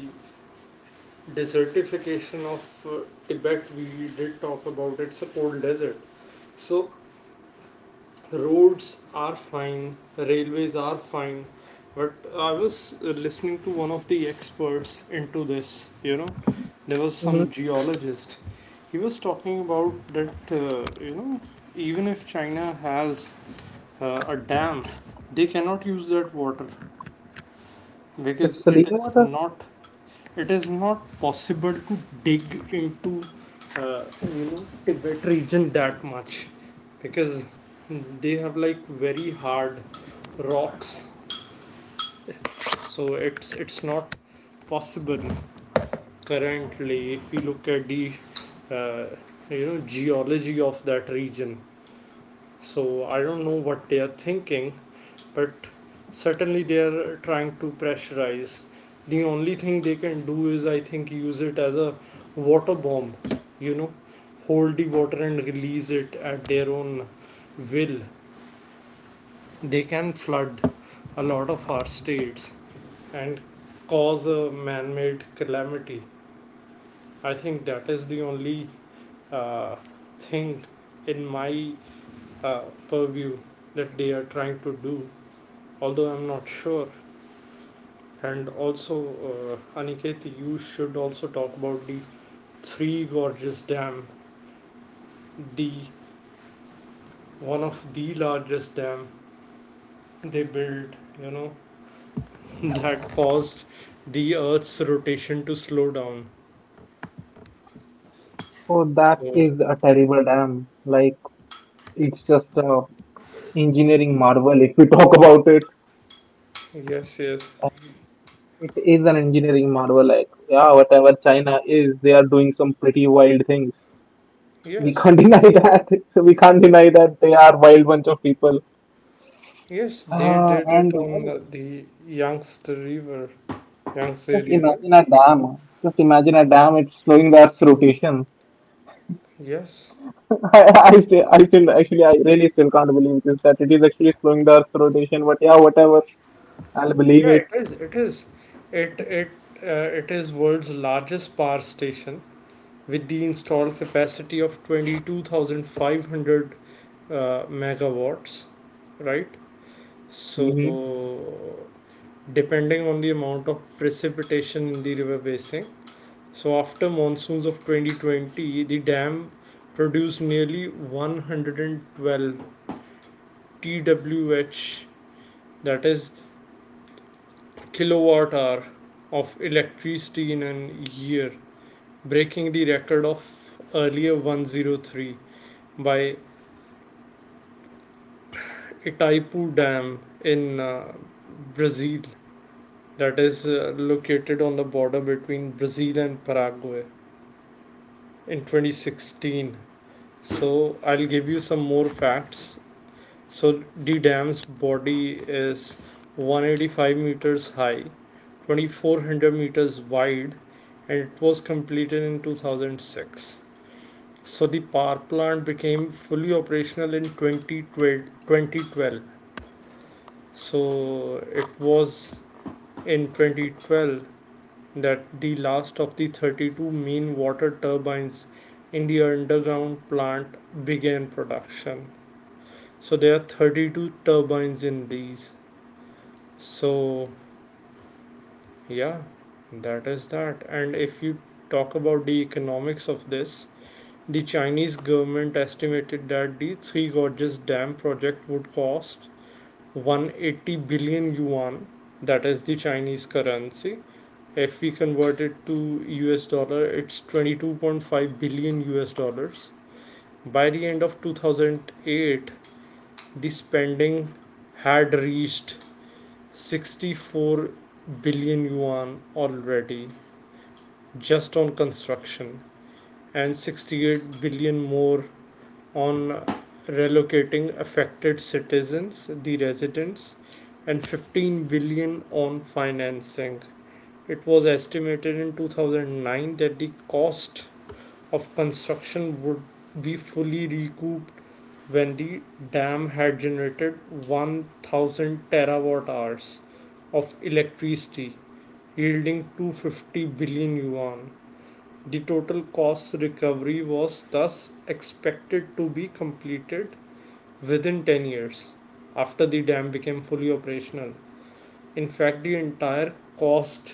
[SPEAKER 1] desertification of Tibet, we did talk about, it's a cold desert. So roads are fine, railways are fine, but I was listening to one of the experts into this, you know, there was some
[SPEAKER 2] Hmm.
[SPEAKER 1] geologist. He was talking about that, you know, even if China has a dam, they cannot use that water because it
[SPEAKER 2] It's
[SPEAKER 1] is
[SPEAKER 2] Salina water.
[SPEAKER 1] not it is not possible to dig into, uh, you know, Tibet region that much, because they have like very hard rocks. So it's not possible currently if we look at the, uh, you know, geology of that region. So I don't know what they are thinking, but certainly they are trying to pressurize. The only thing they can do is, I think, use it as a water bomb, you know, hold the water and release it at their own will. They can flood a lot of our states and cause a man made calamity. I think that is the only uh, thing in my uh, purview that they are trying to do, although I'm not sure. And also, Aniket, you should also talk about the Three Gorges Dam, the one of the largest dam they built, you know, that caused the Earth's rotation to slow down.
[SPEAKER 2] Oh,
[SPEAKER 1] So
[SPEAKER 2] that is a terrible dam. Like, it's just a engineering marvel if we talk about it.
[SPEAKER 1] yes, yes,
[SPEAKER 2] It is an engineering marvel. Like, yeah, whatever China is, they are doing some pretty wild things. We
[SPEAKER 1] yes,
[SPEAKER 2] can't deny that. We can't deny that they are wild bunch of people.
[SPEAKER 1] yes, they did it
[SPEAKER 2] And
[SPEAKER 1] on
[SPEAKER 2] well,
[SPEAKER 1] the Yangtze River, Yangtze
[SPEAKER 2] just
[SPEAKER 1] River.
[SPEAKER 2] imagine a dam. Just imagine a dam. It's slowing the Earth's rotation.
[SPEAKER 1] Yes,
[SPEAKER 2] I still, actually, I really still can't believe this, that it is actually slowing the Earth's rotation. But yeah, whatever. I'll believe
[SPEAKER 1] yeah,
[SPEAKER 2] it.
[SPEAKER 1] it is. It is. It it it is world's largest power station with the installed capacity of 22,500 megawatts, right? So
[SPEAKER 2] Hmm.
[SPEAKER 1] depending on the amount of precipitation in the river basin, so after monsoons of 2020, the dam produced nearly 112 twh, that is kilowatt hour of electricity in a year, breaking the record of earlier 103 by Itaipu Dam in Brazil, that is located on the border between Brazil and Paraguay, in 2016. So I'll give you some more facts. So the dam's body is 185 meters high, 2,400 meters wide, and it was completed in 2006. So the power plant became fully operational in 2012. 2012. So it was in 2012 that the last of the 32 main water turbines in the underground plant began production. So there are 32 turbines in these. So yeah, that is that. And if you talk about the economics of this, the Chinese government estimated that the Three Gorges Dam project would cost 180 billion yuan, that is the Chinese currency. If we convert it to US dollar, it's 22.5 billion US dollars. By the end of 2008, the spending had reached 64 billion yuan already, just on construction, and 68 billion more on relocating affected citizens, the residents, and 15 billion on financing. It was estimated in 2009 that the cost of construction would be fully recouped when the dam had generated 1,000 terawatt hours of electricity, yielding 250 billion yuan. The total cost recovery was thus expected to be completed within 10 years after the dam became fully operational. In fact, the entire cost,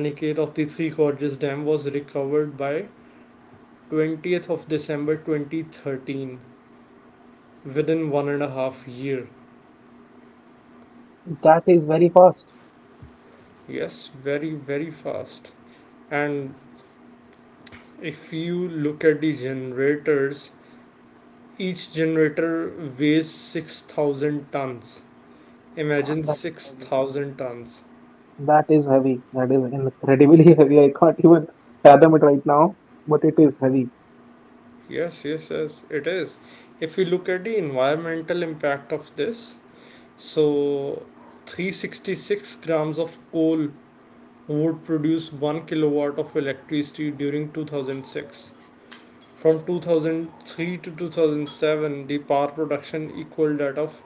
[SPEAKER 1] Aniket, of the Three Gorges Dam was recovered by 20th of December 2013, within 1.5 year.
[SPEAKER 2] That is very fast.
[SPEAKER 1] Yes, very, very fast. And if you look at the generators, each generator weighs 6,000 tons. Imagine
[SPEAKER 2] Damn, that is crazy.
[SPEAKER 1] 6,000 tons.
[SPEAKER 2] That is heavy. That is incredibly heavy. I can't even fathom it right now, but it is heavy.
[SPEAKER 1] Yes, yes, yes, it is. If we look at the environmental impact of this, so 366 grams of coal would produce 1 kilowatt of electricity during 2006. From 2003 to 2007, the power production equaled that of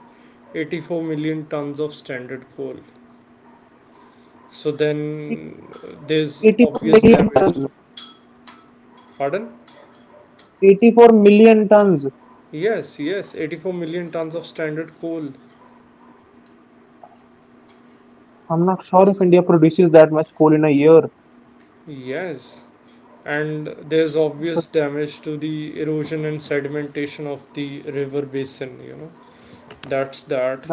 [SPEAKER 1] 84 million tons of standard coal. So then there's
[SPEAKER 2] 84
[SPEAKER 1] obvious
[SPEAKER 2] million,
[SPEAKER 1] damage. Pardon?
[SPEAKER 2] 84 million tons.
[SPEAKER 1] Yes, yes, 84 million tons of standard coal.
[SPEAKER 2] I'm not sure if India produces that much coal in a year.
[SPEAKER 1] Yes. And
[SPEAKER 2] So
[SPEAKER 1] there's obvious damage to the erosion and sedimentation of the river basin, you know.
[SPEAKER 2] that
[SPEAKER 1] That's
[SPEAKER 2] is,
[SPEAKER 1] that.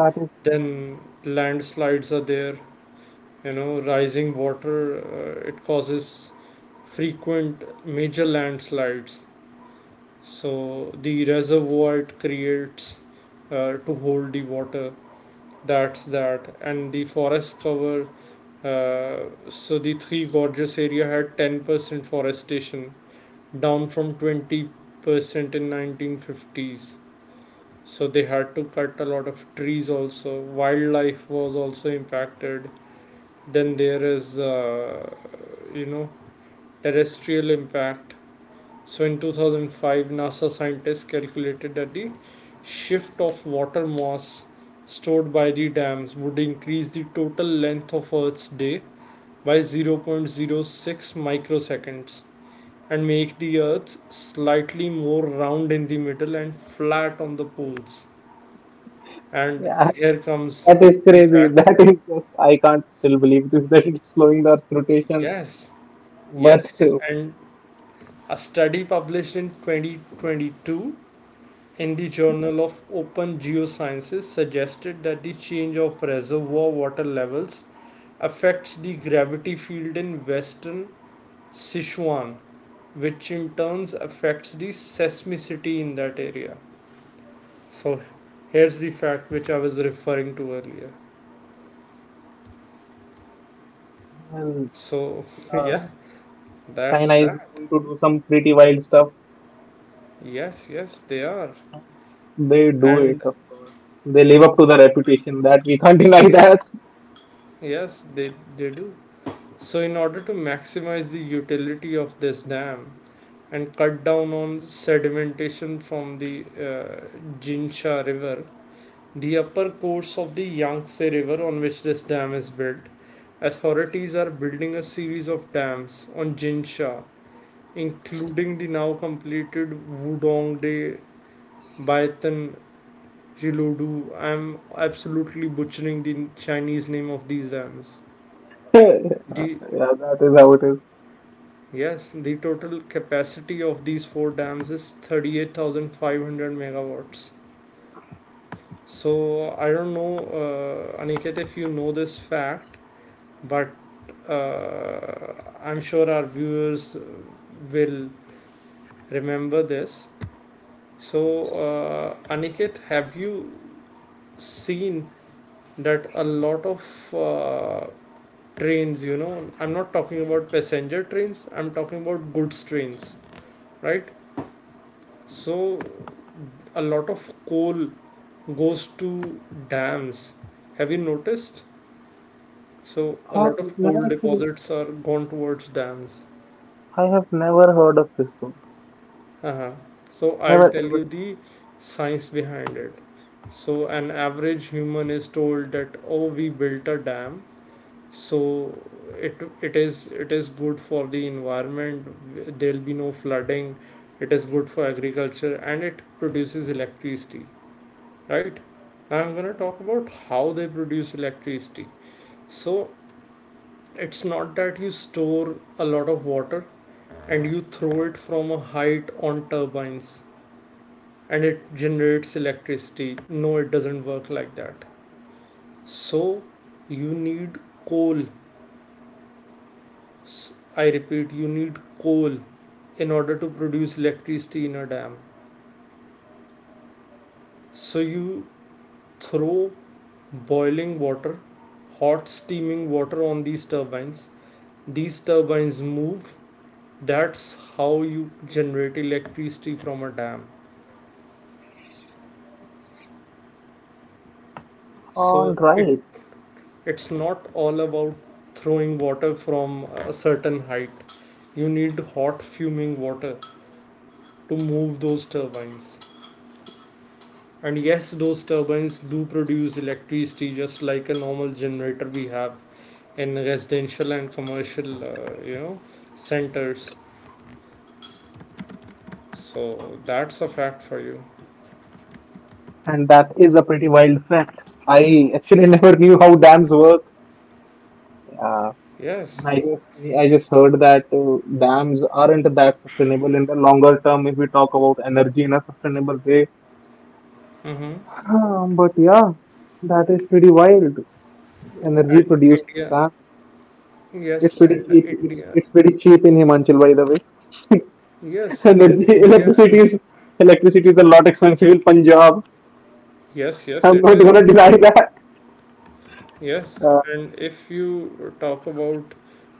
[SPEAKER 1] Then landslides are there, you know, rising water, it causes frequent major landslides. So the reservoir it creates, to hold the water, that's that. And the forest cover, uh, so the Three Gorges area had 10% forestation, down from 20% in 1950s. So they had to cut a lot of trees. Also wildlife was also impacted. Then there is, you know, terrestrial impact. So in 2005, NASA scientists calculated that the shift of water mass stored by the dams would increase the total length of Earth's day by zero point zero 0.06 microseconds, and make the Earth slightly more round in the middle and flat on the poles. And
[SPEAKER 2] yeah,
[SPEAKER 1] here comes
[SPEAKER 2] that is
[SPEAKER 1] the
[SPEAKER 2] crazy.
[SPEAKER 1] fact.
[SPEAKER 2] That is just, I can't still believe this, that it's slowing the Earth's rotation.
[SPEAKER 1] Yes,
[SPEAKER 2] But
[SPEAKER 1] yes. And a study published in 2022 in the Journal of Open Geosciences suggested that the change of reservoir water levels affects the gravity field in western Sichuan, which in turns affects the seismicity in that area. So here's the fact which I was referring to earlier.
[SPEAKER 2] well,
[SPEAKER 1] So
[SPEAKER 2] uh,
[SPEAKER 1] yeah,
[SPEAKER 2] China
[SPEAKER 1] that's
[SPEAKER 2] is
[SPEAKER 1] that.
[SPEAKER 2] going to do some pretty wild stuff.
[SPEAKER 1] Yes, yes, they are.
[SPEAKER 2] They do it,
[SPEAKER 1] And
[SPEAKER 2] of course. They live up to the reputation. That we can't deny that.
[SPEAKER 1] yes, they do. So, in order to maximize the utility of this dam and cut down on sedimentation from the, Jinsha River, the upper course of the Yangtze River on which this dam is built, authorities are building a series of dams on Jinsha, including the now completed Wudongde, Baitan, Jiludu. I am absolutely butchering the Chinese name of these dams. The—
[SPEAKER 2] Yeah, that is how it is.
[SPEAKER 1] Yes, the total capacity of these four dams is 38,500 megawatts. So I don't know, Aniket, if you know this fact, but uh, I'm sure our viewers will remember this. So, Aniket, have you seen that a lot of trains, you know, I'm not talking about passenger trains, I'm talking about goods trains, right? So, a lot of coal goes to dams. Have you noticed? So a
[SPEAKER 2] Have
[SPEAKER 1] lot of
[SPEAKER 2] never
[SPEAKER 1] coal
[SPEAKER 2] actually.
[SPEAKER 1] deposits are gone towards dams.
[SPEAKER 2] I have never heard of Crisco.
[SPEAKER 1] Uh-huh. So I'll
[SPEAKER 2] Never
[SPEAKER 1] tell you
[SPEAKER 2] ever.
[SPEAKER 1] the science behind it. So an average human is told that, oh, we built a dam, so it is good for the environment. There'll be no flooding. It is good for agriculture, and it produces electricity. Right. Now I'm going to talk about how they produce electricity. So it's not that you store a lot of water and you throw it from a height on turbines and it generates electricity. No, it doesn't work like that. So you need coal. I repeat, you need coal in order to produce electricity in a dam. So you throw boiling water, hot steaming water on these turbines, these turbines move, that's how you generate electricity from a dam. So
[SPEAKER 2] All
[SPEAKER 1] it—
[SPEAKER 2] right.
[SPEAKER 1] It's not all about throwing water from a certain height. You need hot fuming water to move those turbines. And yes, those turbines do produce electricity, just like a normal generator we have in residential and commercial, you know, centers. So that's a fact for you.
[SPEAKER 2] And that is a pretty wild fact. I actually never knew how dams work. Uh,
[SPEAKER 1] Yes.
[SPEAKER 2] I just I just heard that dams aren't that sustainable in the longer term if we talk about energy in a sustainable way.
[SPEAKER 1] Mm-hmm.
[SPEAKER 2] But yeah, that is pretty wild. Energy
[SPEAKER 1] and
[SPEAKER 2] produced for
[SPEAKER 1] india
[SPEAKER 2] dams. It's
[SPEAKER 1] Yes,
[SPEAKER 2] pretty
[SPEAKER 1] and
[SPEAKER 2] cheap. It's
[SPEAKER 1] India.
[SPEAKER 2] it's pretty cheap in Himachal, by the way.
[SPEAKER 1] Yes, and India.
[SPEAKER 2] Electricity is a lot expensive in Punjab.
[SPEAKER 1] Yes, yes,
[SPEAKER 2] I'm
[SPEAKER 1] it
[SPEAKER 2] not
[SPEAKER 1] is.
[SPEAKER 2] gonna deny that.
[SPEAKER 1] Yes,
[SPEAKER 2] Uh,
[SPEAKER 1] and if you talk about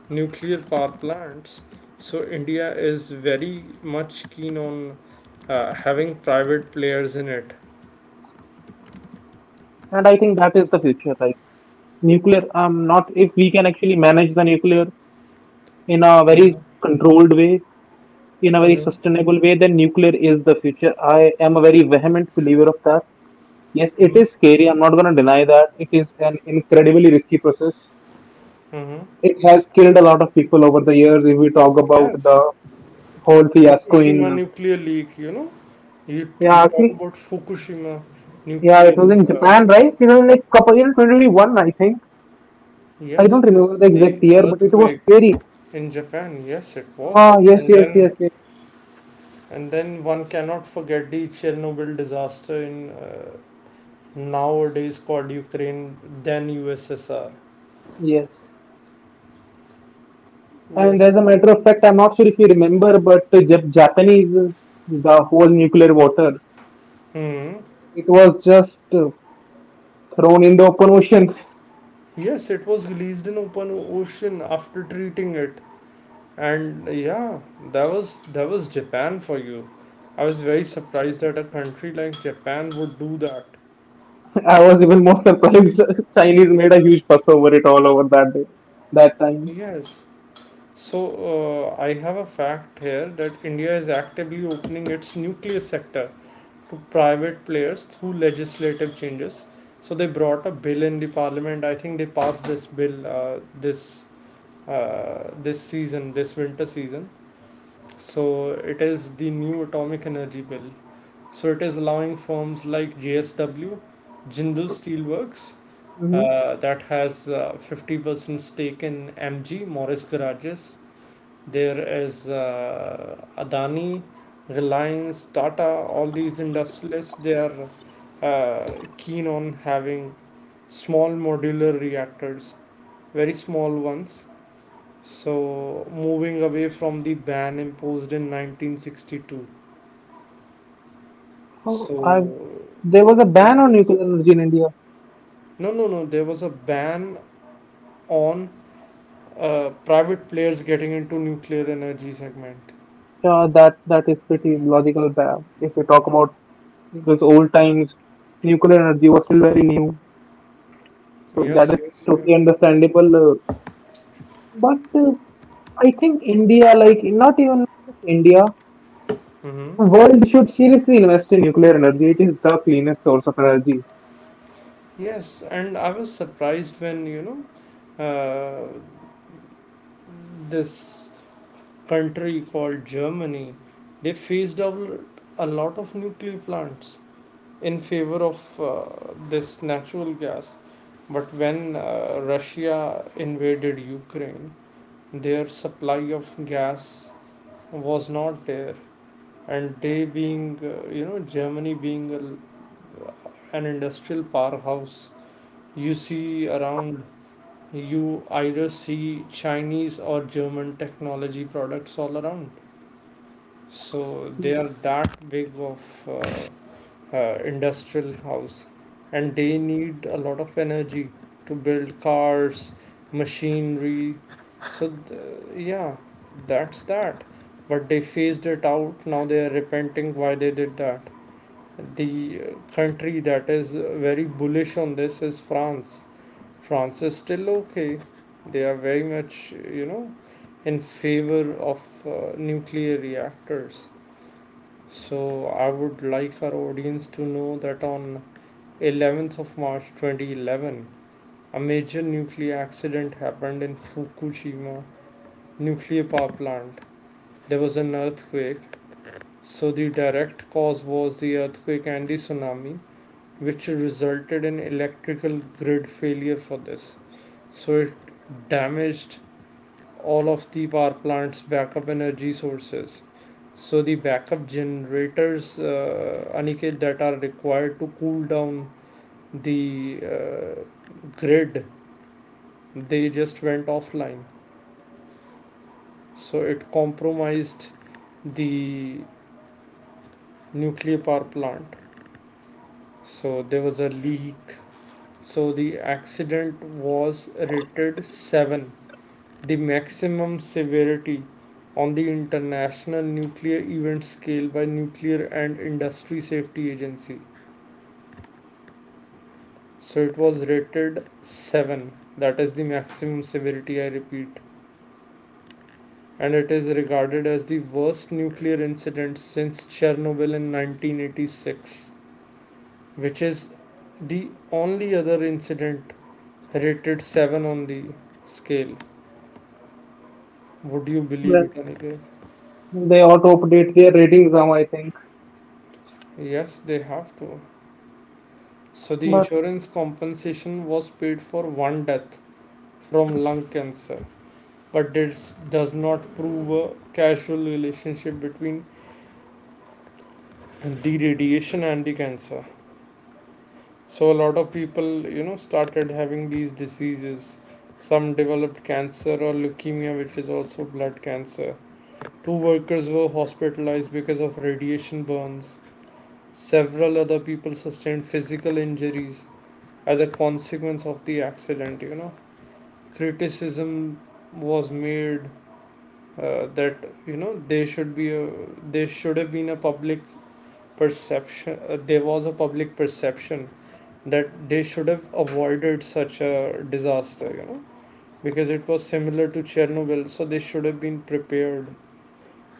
[SPEAKER 1] nuclear power plants, so India is very much keen on having private players in it.
[SPEAKER 2] and I think that is the future. Like nuclear, not if we can actually manage the nuclear in a
[SPEAKER 1] Hmm.
[SPEAKER 2] very controlled way, in a very
[SPEAKER 1] Hmm.
[SPEAKER 2] sustainable way, then nuclear is the future. I am a very vehement believer of that. Yes, it
[SPEAKER 1] Hmm.
[SPEAKER 2] is scary. I'm not gonna deny that. It is an incredibly risky process.
[SPEAKER 1] Hmm.
[SPEAKER 2] It has killed a lot of people over the years. If we talk about
[SPEAKER 1] Yes,
[SPEAKER 2] the whole fiasco
[SPEAKER 1] Fukushima
[SPEAKER 2] in,
[SPEAKER 1] nuclear leak, you know, you
[SPEAKER 2] yeah,
[SPEAKER 1] talk
[SPEAKER 2] actually,
[SPEAKER 1] about Fukushima
[SPEAKER 2] yeah, it was
[SPEAKER 1] nuclear
[SPEAKER 2] in Japan,
[SPEAKER 1] power
[SPEAKER 2] right? It was
[SPEAKER 1] plant.
[SPEAKER 2] like couple in 2021, I think. I don't
[SPEAKER 1] Yes, yes,
[SPEAKER 2] remember the exact
[SPEAKER 1] the
[SPEAKER 2] year, but it was
[SPEAKER 1] earthquake.
[SPEAKER 2] scary.
[SPEAKER 1] In Japan, yes, it
[SPEAKER 2] Ah,
[SPEAKER 1] was.
[SPEAKER 2] yes, yes, yes, yes,
[SPEAKER 1] And then one cannot forget the Chernobyl disaster in, nowadays called Ukraine, then USSR.
[SPEAKER 2] yes. And as
[SPEAKER 1] Yes.
[SPEAKER 2] a matter of fact, I'm not sure if you remember, but the Japanese, the whole nuclear water,
[SPEAKER 1] Hmm.
[SPEAKER 2] it was just thrown in the open ocean.
[SPEAKER 1] Yes, it was released in open ocean after treating it, and yeah, that was, that was Japan for you. I was very surprised that a country like Japan would do that.
[SPEAKER 2] I was even more surprised. Chinese made a huge fuss over it all over that day, that time.
[SPEAKER 1] Yes. So, I have a fact here that India is actively opening its nuclear sector to private players through legislative changes. So they brought a bill in the parliament. I think they passed this bill this, this season, this winter season. So it is the new atomic energy bill. So it is allowing firms like JSW, Jindal Steelworks,
[SPEAKER 2] Hmm.
[SPEAKER 1] that has 50% stake in MG Morris Garages, there is Adani, Reliance, Tata, all these industrialists, they are, uh, keen on having small modular reactors, very small ones. So, moving away from the ban imposed in 1962.
[SPEAKER 2] Oh,
[SPEAKER 1] So,
[SPEAKER 2] I, there was a
[SPEAKER 1] yeah,
[SPEAKER 2] ban on
[SPEAKER 1] there was.
[SPEAKER 2] nuclear energy in India.
[SPEAKER 1] No, no, no. There was a ban on private players getting into nuclear energy segment.
[SPEAKER 2] Yeah, that that is pretty logical. If we talk about those old times, nuclear energy was still very new, so that
[SPEAKER 1] Yes,
[SPEAKER 2] is
[SPEAKER 1] yes,
[SPEAKER 2] totally
[SPEAKER 1] yes.
[SPEAKER 2] understandable. But I think India, like not even just India, the world
[SPEAKER 1] Mm-hmm.
[SPEAKER 2] should seriously invest in nuclear energy. It is the cleanest source of energy.
[SPEAKER 1] Yes, and I was surprised when you know, this country called Germany, they phased out a lot of nuclear plants in favor of, this natural gas. But when Russia invaded Ukraine, their supply of gas was not there, and they being Germany being an industrial powerhouse. You see around, you either see Chinese or German technology products all around. So they are that big of uh, industrial house, and they need a lot of energy to build cars, machinery. So yeah, that's that. But they phased it out. Now they are repenting why they did that. The country that is very bullish on this is France. France is still okay. They are very much, you know, in favor of nuclear reactors. So I would like our audience to know that on 11th of March 2011, a major nuclear accident happened in Fukushima nuclear power plant. There was an earthquake. So the direct cause was the earthquake and the tsunami, which resulted in electrical grid failure for this. So it damaged all of the power plants backup energy sources, so the backup generators, Aniket, that are required to cool down the grid, they just went offline, so it compromised the nuclear power plant, so there was a leak. So the accident was rated 7, the maximum severity on the International Nuclear Event Scale by Nuclear and Industry Safety Agency. So it was rated 7. That is the maximum severity, I repeat. And it is regarded as the worst nuclear incident since Chernobyl in 1986, which is the only other incident rated 7 on the scale. Would you believe it,
[SPEAKER 2] Well,
[SPEAKER 1] Aniket?
[SPEAKER 2] they ought to update their ratings now, I think.
[SPEAKER 1] Yes, they have to. So the
[SPEAKER 2] But
[SPEAKER 1] insurance compensation was paid for one death from lung cancer, but this does not prove a causal relationship between the radiation and the cancer. So a lot of people started having these diseases. Some developed cancer or leukemia, which is also blood cancer. Two workers were hospitalized because of radiation burns. Several other people sustained physical injuries as a consequence of the accident. Criticism was made that they should have been a public perception. There was a public perception that they should have avoided such a disaster, because it was similar to Chernobyl, so they should have been prepared.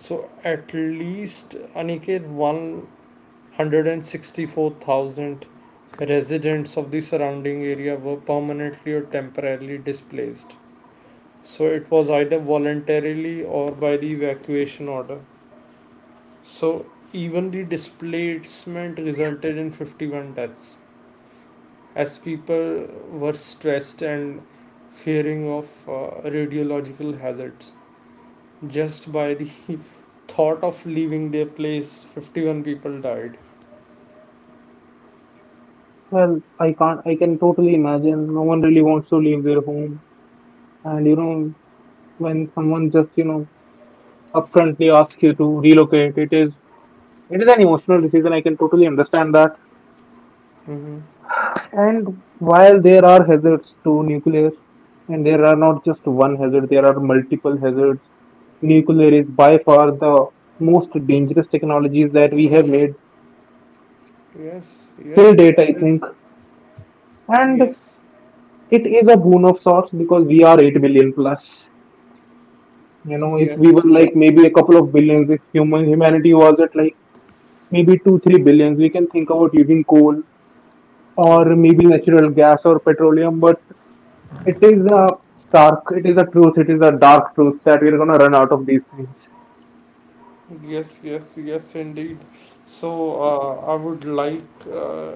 [SPEAKER 1] So at least, Aniket, 164,000 residents of the surrounding area were permanently or temporarily displaced. So it was either voluntarily or by the evacuation order. So even the displacement resulted in 51 deaths, as people were stressed and fearing of radiological hazards. Just by the thought of leaving their place, 51 people died.
[SPEAKER 2] well, I can't. I can totally imagine. No one really wants to leave their home, and you know, when someone just upfrontly ask you to relocate. It is an emotional decision. I can totally understand that.
[SPEAKER 1] Hmm.
[SPEAKER 2] And while there are hazards to nuclear, and there are not just one hazard, there are multiple hazards. Nuclear is by far the most dangerous technologies that we have made
[SPEAKER 1] Yes,
[SPEAKER 2] till
[SPEAKER 1] yes,
[SPEAKER 2] date,
[SPEAKER 1] that
[SPEAKER 2] I think.
[SPEAKER 1] is,
[SPEAKER 2] And
[SPEAKER 1] yes,
[SPEAKER 2] it is a boon of sorts because we are 8 billion plus. You know, if we
[SPEAKER 1] yes,
[SPEAKER 2] were like maybe a couple of billions, if humanity was at like maybe 2 3 billions, we can think about using coal
[SPEAKER 1] mm,
[SPEAKER 2] or maybe natural gas or petroleum, but it is a stark, it is a truth, it is a dark truth that we're gonna run out of these things.
[SPEAKER 1] yes, yes, yes, indeed. So I would like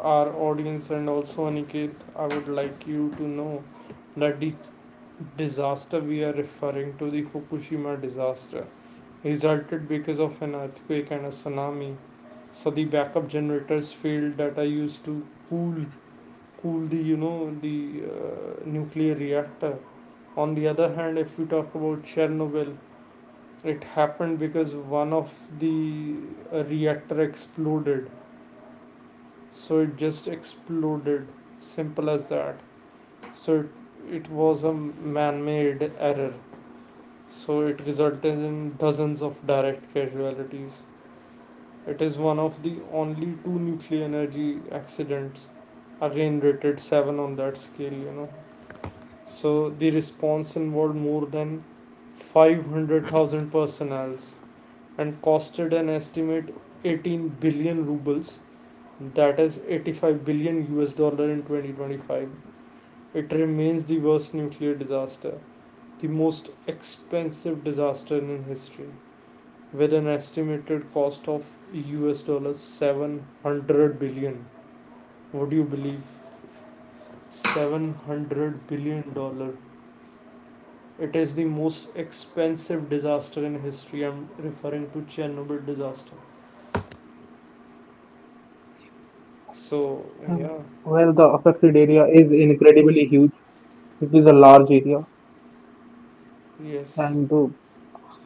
[SPEAKER 1] our audience and also Aniket, I would like you to know that the disaster we are referring to, the Fukushima disaster, resulted because of an earthquake and a tsunami. So the backup generators failed that I used to cool cool the you know the nuclear reactor. On the other hand, if we talk about Chernobyl, it happened because one of the reactor exploded. So it just exploded. Simple as that. So it was a man made error. So it resulted in dozens of direct casualties. It is one of the only two nuclear energy accidents, again rated 7 on that scale. So the response involved more than 500,000 personnel and costed an estimate 18 billion rubles, that is 85 billion US dollar in 2025. It remains the worst nuclear disaster, the most expensive disaster in history, with an estimated cost of US dollars 700 billion. Would you believe 700 billion dollar? It is the most expensive disaster in history. I'm referring to Chernobyl disaster. So,
[SPEAKER 2] Um,
[SPEAKER 1] yeah,
[SPEAKER 2] well, the affected area is incredibly huge. It is a large area,
[SPEAKER 1] yes,
[SPEAKER 2] and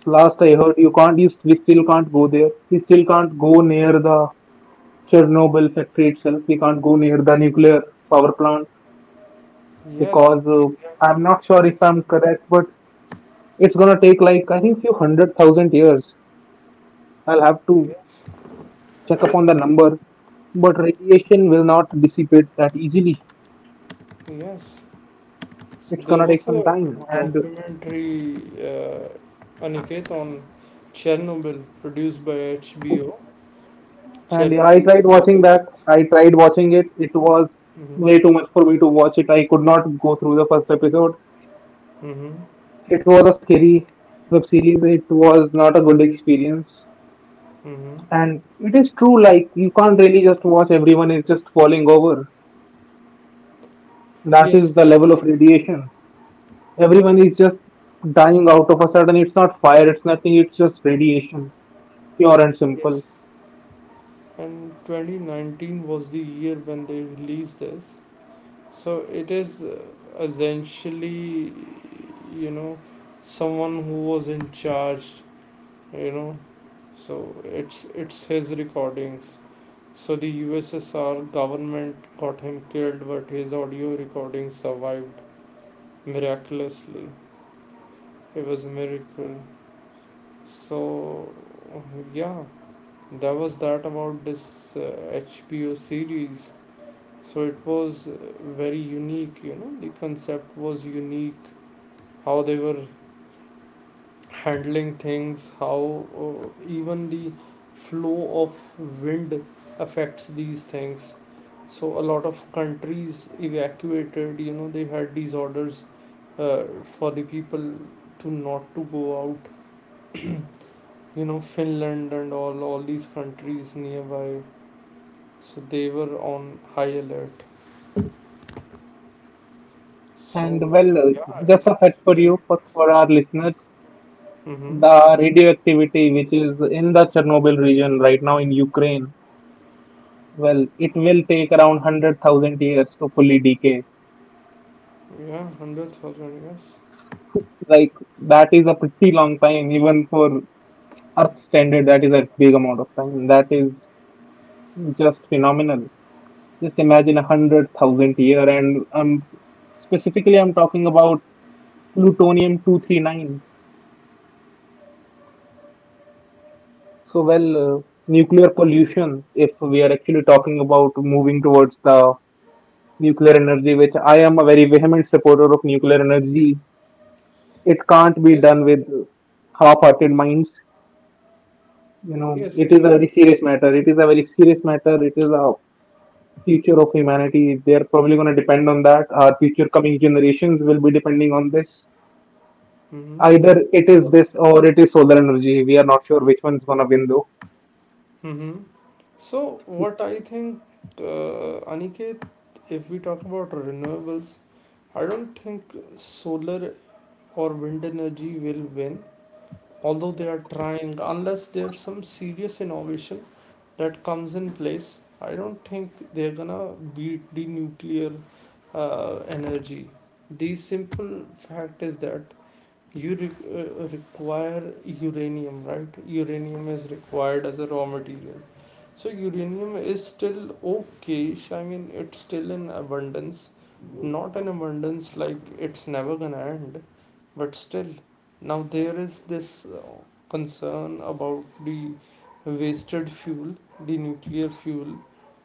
[SPEAKER 2] last I heard, you we still can't go there. We still can't go near the Chernobyl factory itself. We can't go near the nuclear power plant
[SPEAKER 1] yes,
[SPEAKER 2] because
[SPEAKER 1] exactly,
[SPEAKER 2] I'm not sure if I'm correct, but it's gonna take like I think few 100,000 years. I'll have to
[SPEAKER 1] yes,
[SPEAKER 2] check up on the number, but radiation will not dissipate that easily.
[SPEAKER 1] yes.
[SPEAKER 2] It's
[SPEAKER 1] There
[SPEAKER 2] gonna
[SPEAKER 1] was
[SPEAKER 2] take
[SPEAKER 1] a
[SPEAKER 2] some time,
[SPEAKER 1] documentary, Aniket, on Chernobyl produced by HBO.
[SPEAKER 2] and yeah, I
[SPEAKER 1] Chernobyl, the
[SPEAKER 2] tried watching
[SPEAKER 1] Lost
[SPEAKER 2] that.
[SPEAKER 1] Tapes.
[SPEAKER 2] I tried watching it. It was
[SPEAKER 1] Mm-hmm.
[SPEAKER 2] way too much for me to watch it. I could not go through the first episode.
[SPEAKER 1] Mm-hmm.
[SPEAKER 2] It was a scary web series. It was not a good experience.
[SPEAKER 1] Mm-hmm.
[SPEAKER 2] And it is true, like you can't really just watch, everyone is just falling over. That is
[SPEAKER 1] Yes,
[SPEAKER 2] the
[SPEAKER 1] it,
[SPEAKER 2] level of radiation. Everyone is
[SPEAKER 1] yes,
[SPEAKER 2] just dying out of a sudden. It's not fire, it's nothing, it's just radiation, pure and simple.
[SPEAKER 1] yes. And 2019 was the year when they released this. So it is essentially, you know, someone who was in charge, you know. So it's his recordings. So the USSR government got him killed, but his audio recording survived miraculously. It was a miracle. So, yeah, that was that about this HBO series. So it was very unique. The concept was unique, how they were handling things, how even the flow of wind affects these things. So a lot of countries evacuated. They had these orders for the people to not to go out. Finland and all these countries nearby. So they were on high alert.
[SPEAKER 2] And
[SPEAKER 1] So
[SPEAKER 2] well,
[SPEAKER 1] yeah, it
[SPEAKER 2] just a
[SPEAKER 1] was
[SPEAKER 2] fact for
[SPEAKER 1] very
[SPEAKER 2] you, for
[SPEAKER 1] interesting.
[SPEAKER 2] our listeners,
[SPEAKER 1] Mm-hmm.
[SPEAKER 2] the radioactivity which is in the Chernobyl region right now in Ukraine, well, it will take around 100,000 years to fully decay.
[SPEAKER 1] Yeah, 100,000. Yes.
[SPEAKER 2] Like, that is a pretty long time. Even for Earth standard, that is a big amount of time. That is just phenomenal. Just imagine a 100,000 year, and specifically, I'm talking about plutonium 239. So nuclear pollution, if we are actually talking about moving towards the nuclear energy, which I am a very vehement supporter of nuclear energy, it can't be
[SPEAKER 1] Yes.
[SPEAKER 2] done with half hearted minds. You know,
[SPEAKER 1] Yes.
[SPEAKER 2] it is a
[SPEAKER 1] Exactly.
[SPEAKER 2] very serious matter. It is a very serious matter. It is a future of humanity. They are probably going to depend on that. Our future coming generations will be depending on this.
[SPEAKER 1] Mm-hmm.
[SPEAKER 2] Either it is
[SPEAKER 1] So,
[SPEAKER 2] this or it is solar energy. We are not sure which one's going to win, though.
[SPEAKER 1] hmm so what I think, Aniket, if we talk about renewables, I don't think solar or wind energy will win, although they are trying, unless there's some serious innovation that comes in place. I don't think they're gonna beat the nuclear energy. The simple fact is that you require uranium, right? Uranium is required as a raw material. So uranium is still okay. I mean, it's still in abundance, not in abundance like it's never gonna end, but still. Now there is this concern about the wasted fuel, the nuclear fuel.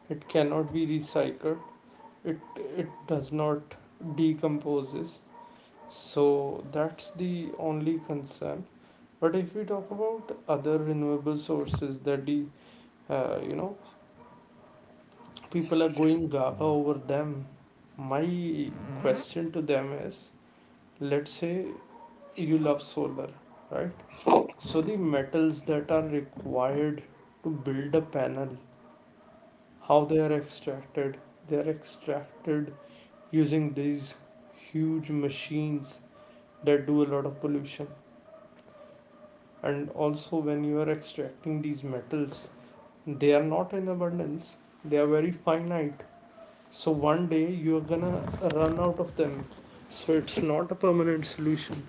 [SPEAKER 1] It cannot be recycled. It it does not decomposes, so that's the only concern. But if we talk about other renewable sources that the uh, you know people are going gaga over them, my question to them is: Let's say you love solar, right? So the metals that are required to build a panel, how they are extracted? They are extracted using these huge machines that do a lot of pollution, and also when you are extracting these metals, they are not in abundance, they are very finite, so one day you are gonna run out of them. So it's not a permanent solution,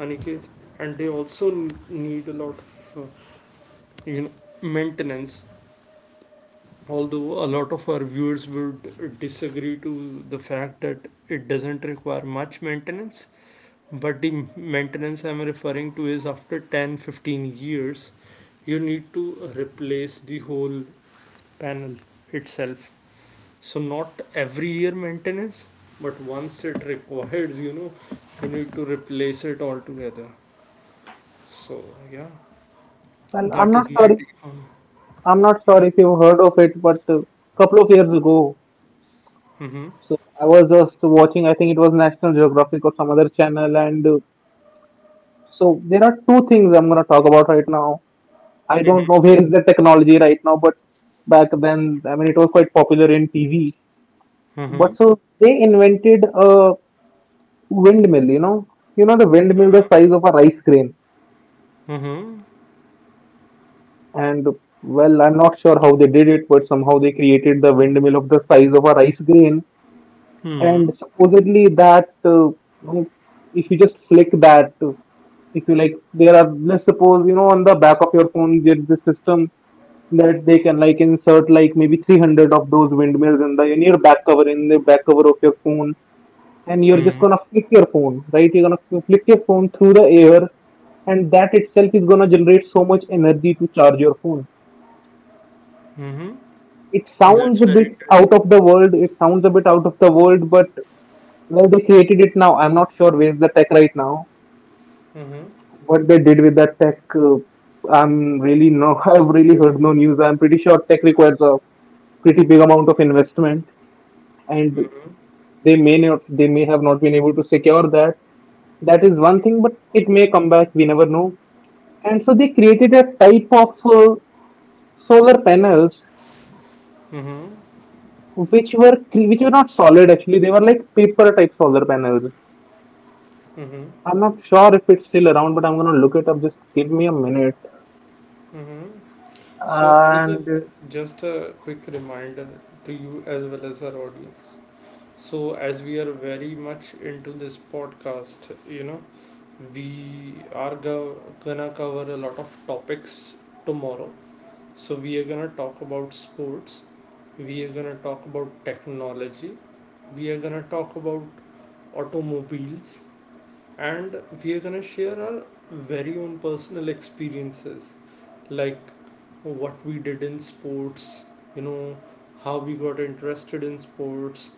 [SPEAKER 1] Aniket. And they also need a lot of maintenance, although a lot of our viewers would disagree to the fact that it doesn't require much maintenance. But the maintenance I'm referring to is after 10 to 15 years, you need to replace the whole panel itself. So not every year maintenance, but once it requires, you need to replace it altogether. So yeah,
[SPEAKER 2] Well, I'm
[SPEAKER 1] that is
[SPEAKER 2] not
[SPEAKER 1] my
[SPEAKER 2] sorry.
[SPEAKER 1] take on.
[SPEAKER 2] I'm not sure if you've heard of it, but a couple of years ago,
[SPEAKER 1] Mm-hmm.
[SPEAKER 2] so I was just watching, I think it was National Geographic or some other channel, and so there are two things I'm going to talk about right now. I don't know where is the technology right now, but back then, I mean, it was quite popular in TV.
[SPEAKER 1] Mm-hmm.
[SPEAKER 2] But so they invented a windmill, you know, the windmill the size of a rice grain,
[SPEAKER 1] Mm-hmm.
[SPEAKER 2] and well, I'm not sure how they did it, but somehow they created the windmill of the size of a rice grain and
[SPEAKER 1] Mm-hmm.
[SPEAKER 2] supposedly that you know, if you just flick that if you like there are, let's suppose, you know, on the back of your phone there's this system that they can like insert like maybe 300 of those windmills in the in your back cover, in the back cover of your phone, and you're just
[SPEAKER 1] Mm-hmm.
[SPEAKER 2] gonna flick your phone, right? You're gonna flick your phone through the air, and that itself is gonna generate so much energy to charge your phone.
[SPEAKER 1] Mm-hmm.
[SPEAKER 2] It sounds
[SPEAKER 1] That's
[SPEAKER 2] a
[SPEAKER 1] very
[SPEAKER 2] bit
[SPEAKER 1] interesting.
[SPEAKER 2] out of the world, it sounds a bit out of the world, but well, they created it now. I'm not sure where's the tech right now.
[SPEAKER 1] Mm-hmm.
[SPEAKER 2] What they did with that tech, I'm really no. I've really heard no news. I'm pretty sure tech requires a pretty big amount of investment, and
[SPEAKER 1] Mm-hmm.
[SPEAKER 2] they may not. They may have not been able to secure that. That is one thing, but it may come back. We never know. And so they created a type of solar panels
[SPEAKER 1] Mm-hmm.
[SPEAKER 2] which were which were not solid actually. They were like paper type solar panels.
[SPEAKER 1] Mm-hmm.
[SPEAKER 2] I'm not sure if it's still around, but I'm gonna look it up. Just give me a minute.
[SPEAKER 1] Mm-hmm. So
[SPEAKER 2] and
[SPEAKER 1] Aniket, just a quick reminder to you as well as our audience. So, as we are very much into this podcast, we are gonna cover a lot of topics tomorrow. So, we are gonna talk about sports, we are gonna talk about technology, we are gonna talk about automobiles, and we are gonna share our very own personal experiences, like what we did in sports, you know how we got interested in sports,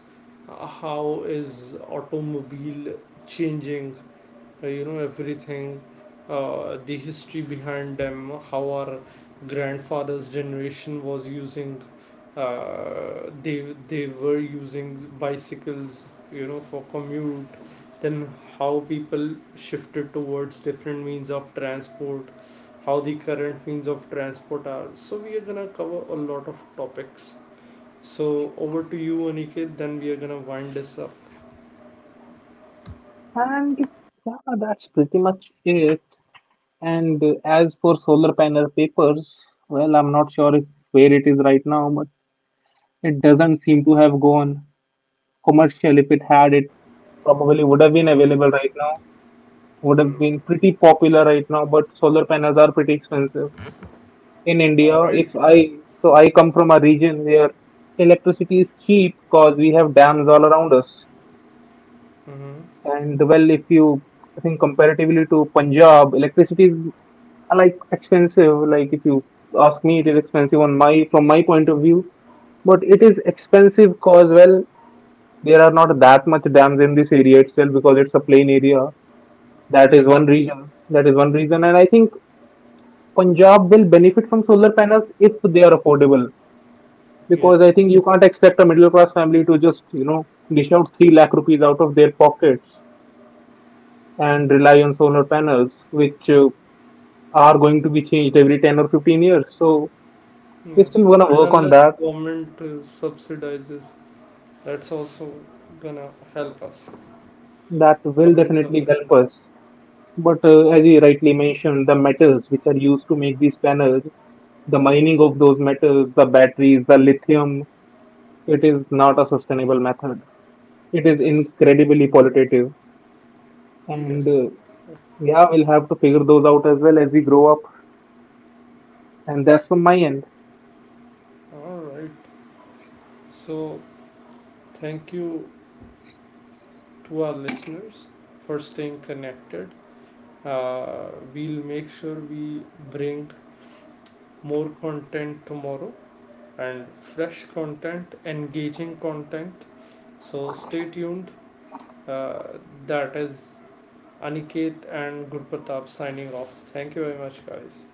[SPEAKER 1] how is automobile changing, everything, the history behind them, how our grandfathers generation was using, they were using bicycles, for commute, then how people shifted towards different means of transport, how the current means of transport are. So we are gonna cover a lot of topics. So over to you, Aniket, then we are gonna wind this up.
[SPEAKER 2] and yeah, that's pretty much it. And as for solar panel papers, well, I'm not sure if where it is right now, but it doesn't seem to have gone commercial. If it had, it probably would have been
[SPEAKER 1] Mm,
[SPEAKER 2] available right now. Would have
[SPEAKER 1] mm.
[SPEAKER 2] been pretty popular right now, but solar panels are pretty expensive in
[SPEAKER 1] All
[SPEAKER 2] India.
[SPEAKER 1] right.
[SPEAKER 2] If I So I come from a region where electricity is cheap because we have dams all around us.
[SPEAKER 1] Mm-hmm.
[SPEAKER 2] And well, if you I think comparatively to Punjab, electricity is like expensive. Like if you ask me, it is expensive on my from my point of view. But it is expensive cause well, there are not that much dams in this area itself because it's a plain area. That is one
[SPEAKER 1] Yes,
[SPEAKER 2] reason. That is one reason, and I think Punjab will benefit from solar panels if they are affordable. Because I
[SPEAKER 1] yes,
[SPEAKER 2] think you can't expect a middle class family to just, you know, dish out 3 lakh rupees out of their pockets and rely on solar panels, which are going to be changed every 10 or 15 years. So we're still
[SPEAKER 1] yes.
[SPEAKER 2] going to
[SPEAKER 1] And
[SPEAKER 2] work on
[SPEAKER 1] unless
[SPEAKER 2] that.
[SPEAKER 1] government subsidizes, that's also gonna help us.
[SPEAKER 2] That will
[SPEAKER 1] Government
[SPEAKER 2] definitely
[SPEAKER 1] subsidy.
[SPEAKER 2] help us. But as you rightly mentioned, the metals which are used to make these panels, the mining of those metals, the batteries, the lithium, it is not a sustainable method. It is
[SPEAKER 1] Yes,
[SPEAKER 2] incredibly pollutive. And
[SPEAKER 1] yes.
[SPEAKER 2] yeah, we'll have to figure those out as well as we grow up. And that's from my end.
[SPEAKER 1] All right. So thank you to our listeners for staying connected. Uh, we'll make sure we bring more content tomorrow and fresh content, engaging content. So stay tuned. Uh, that is Aniket and Gurpratap signing off. Thank you very much, guys.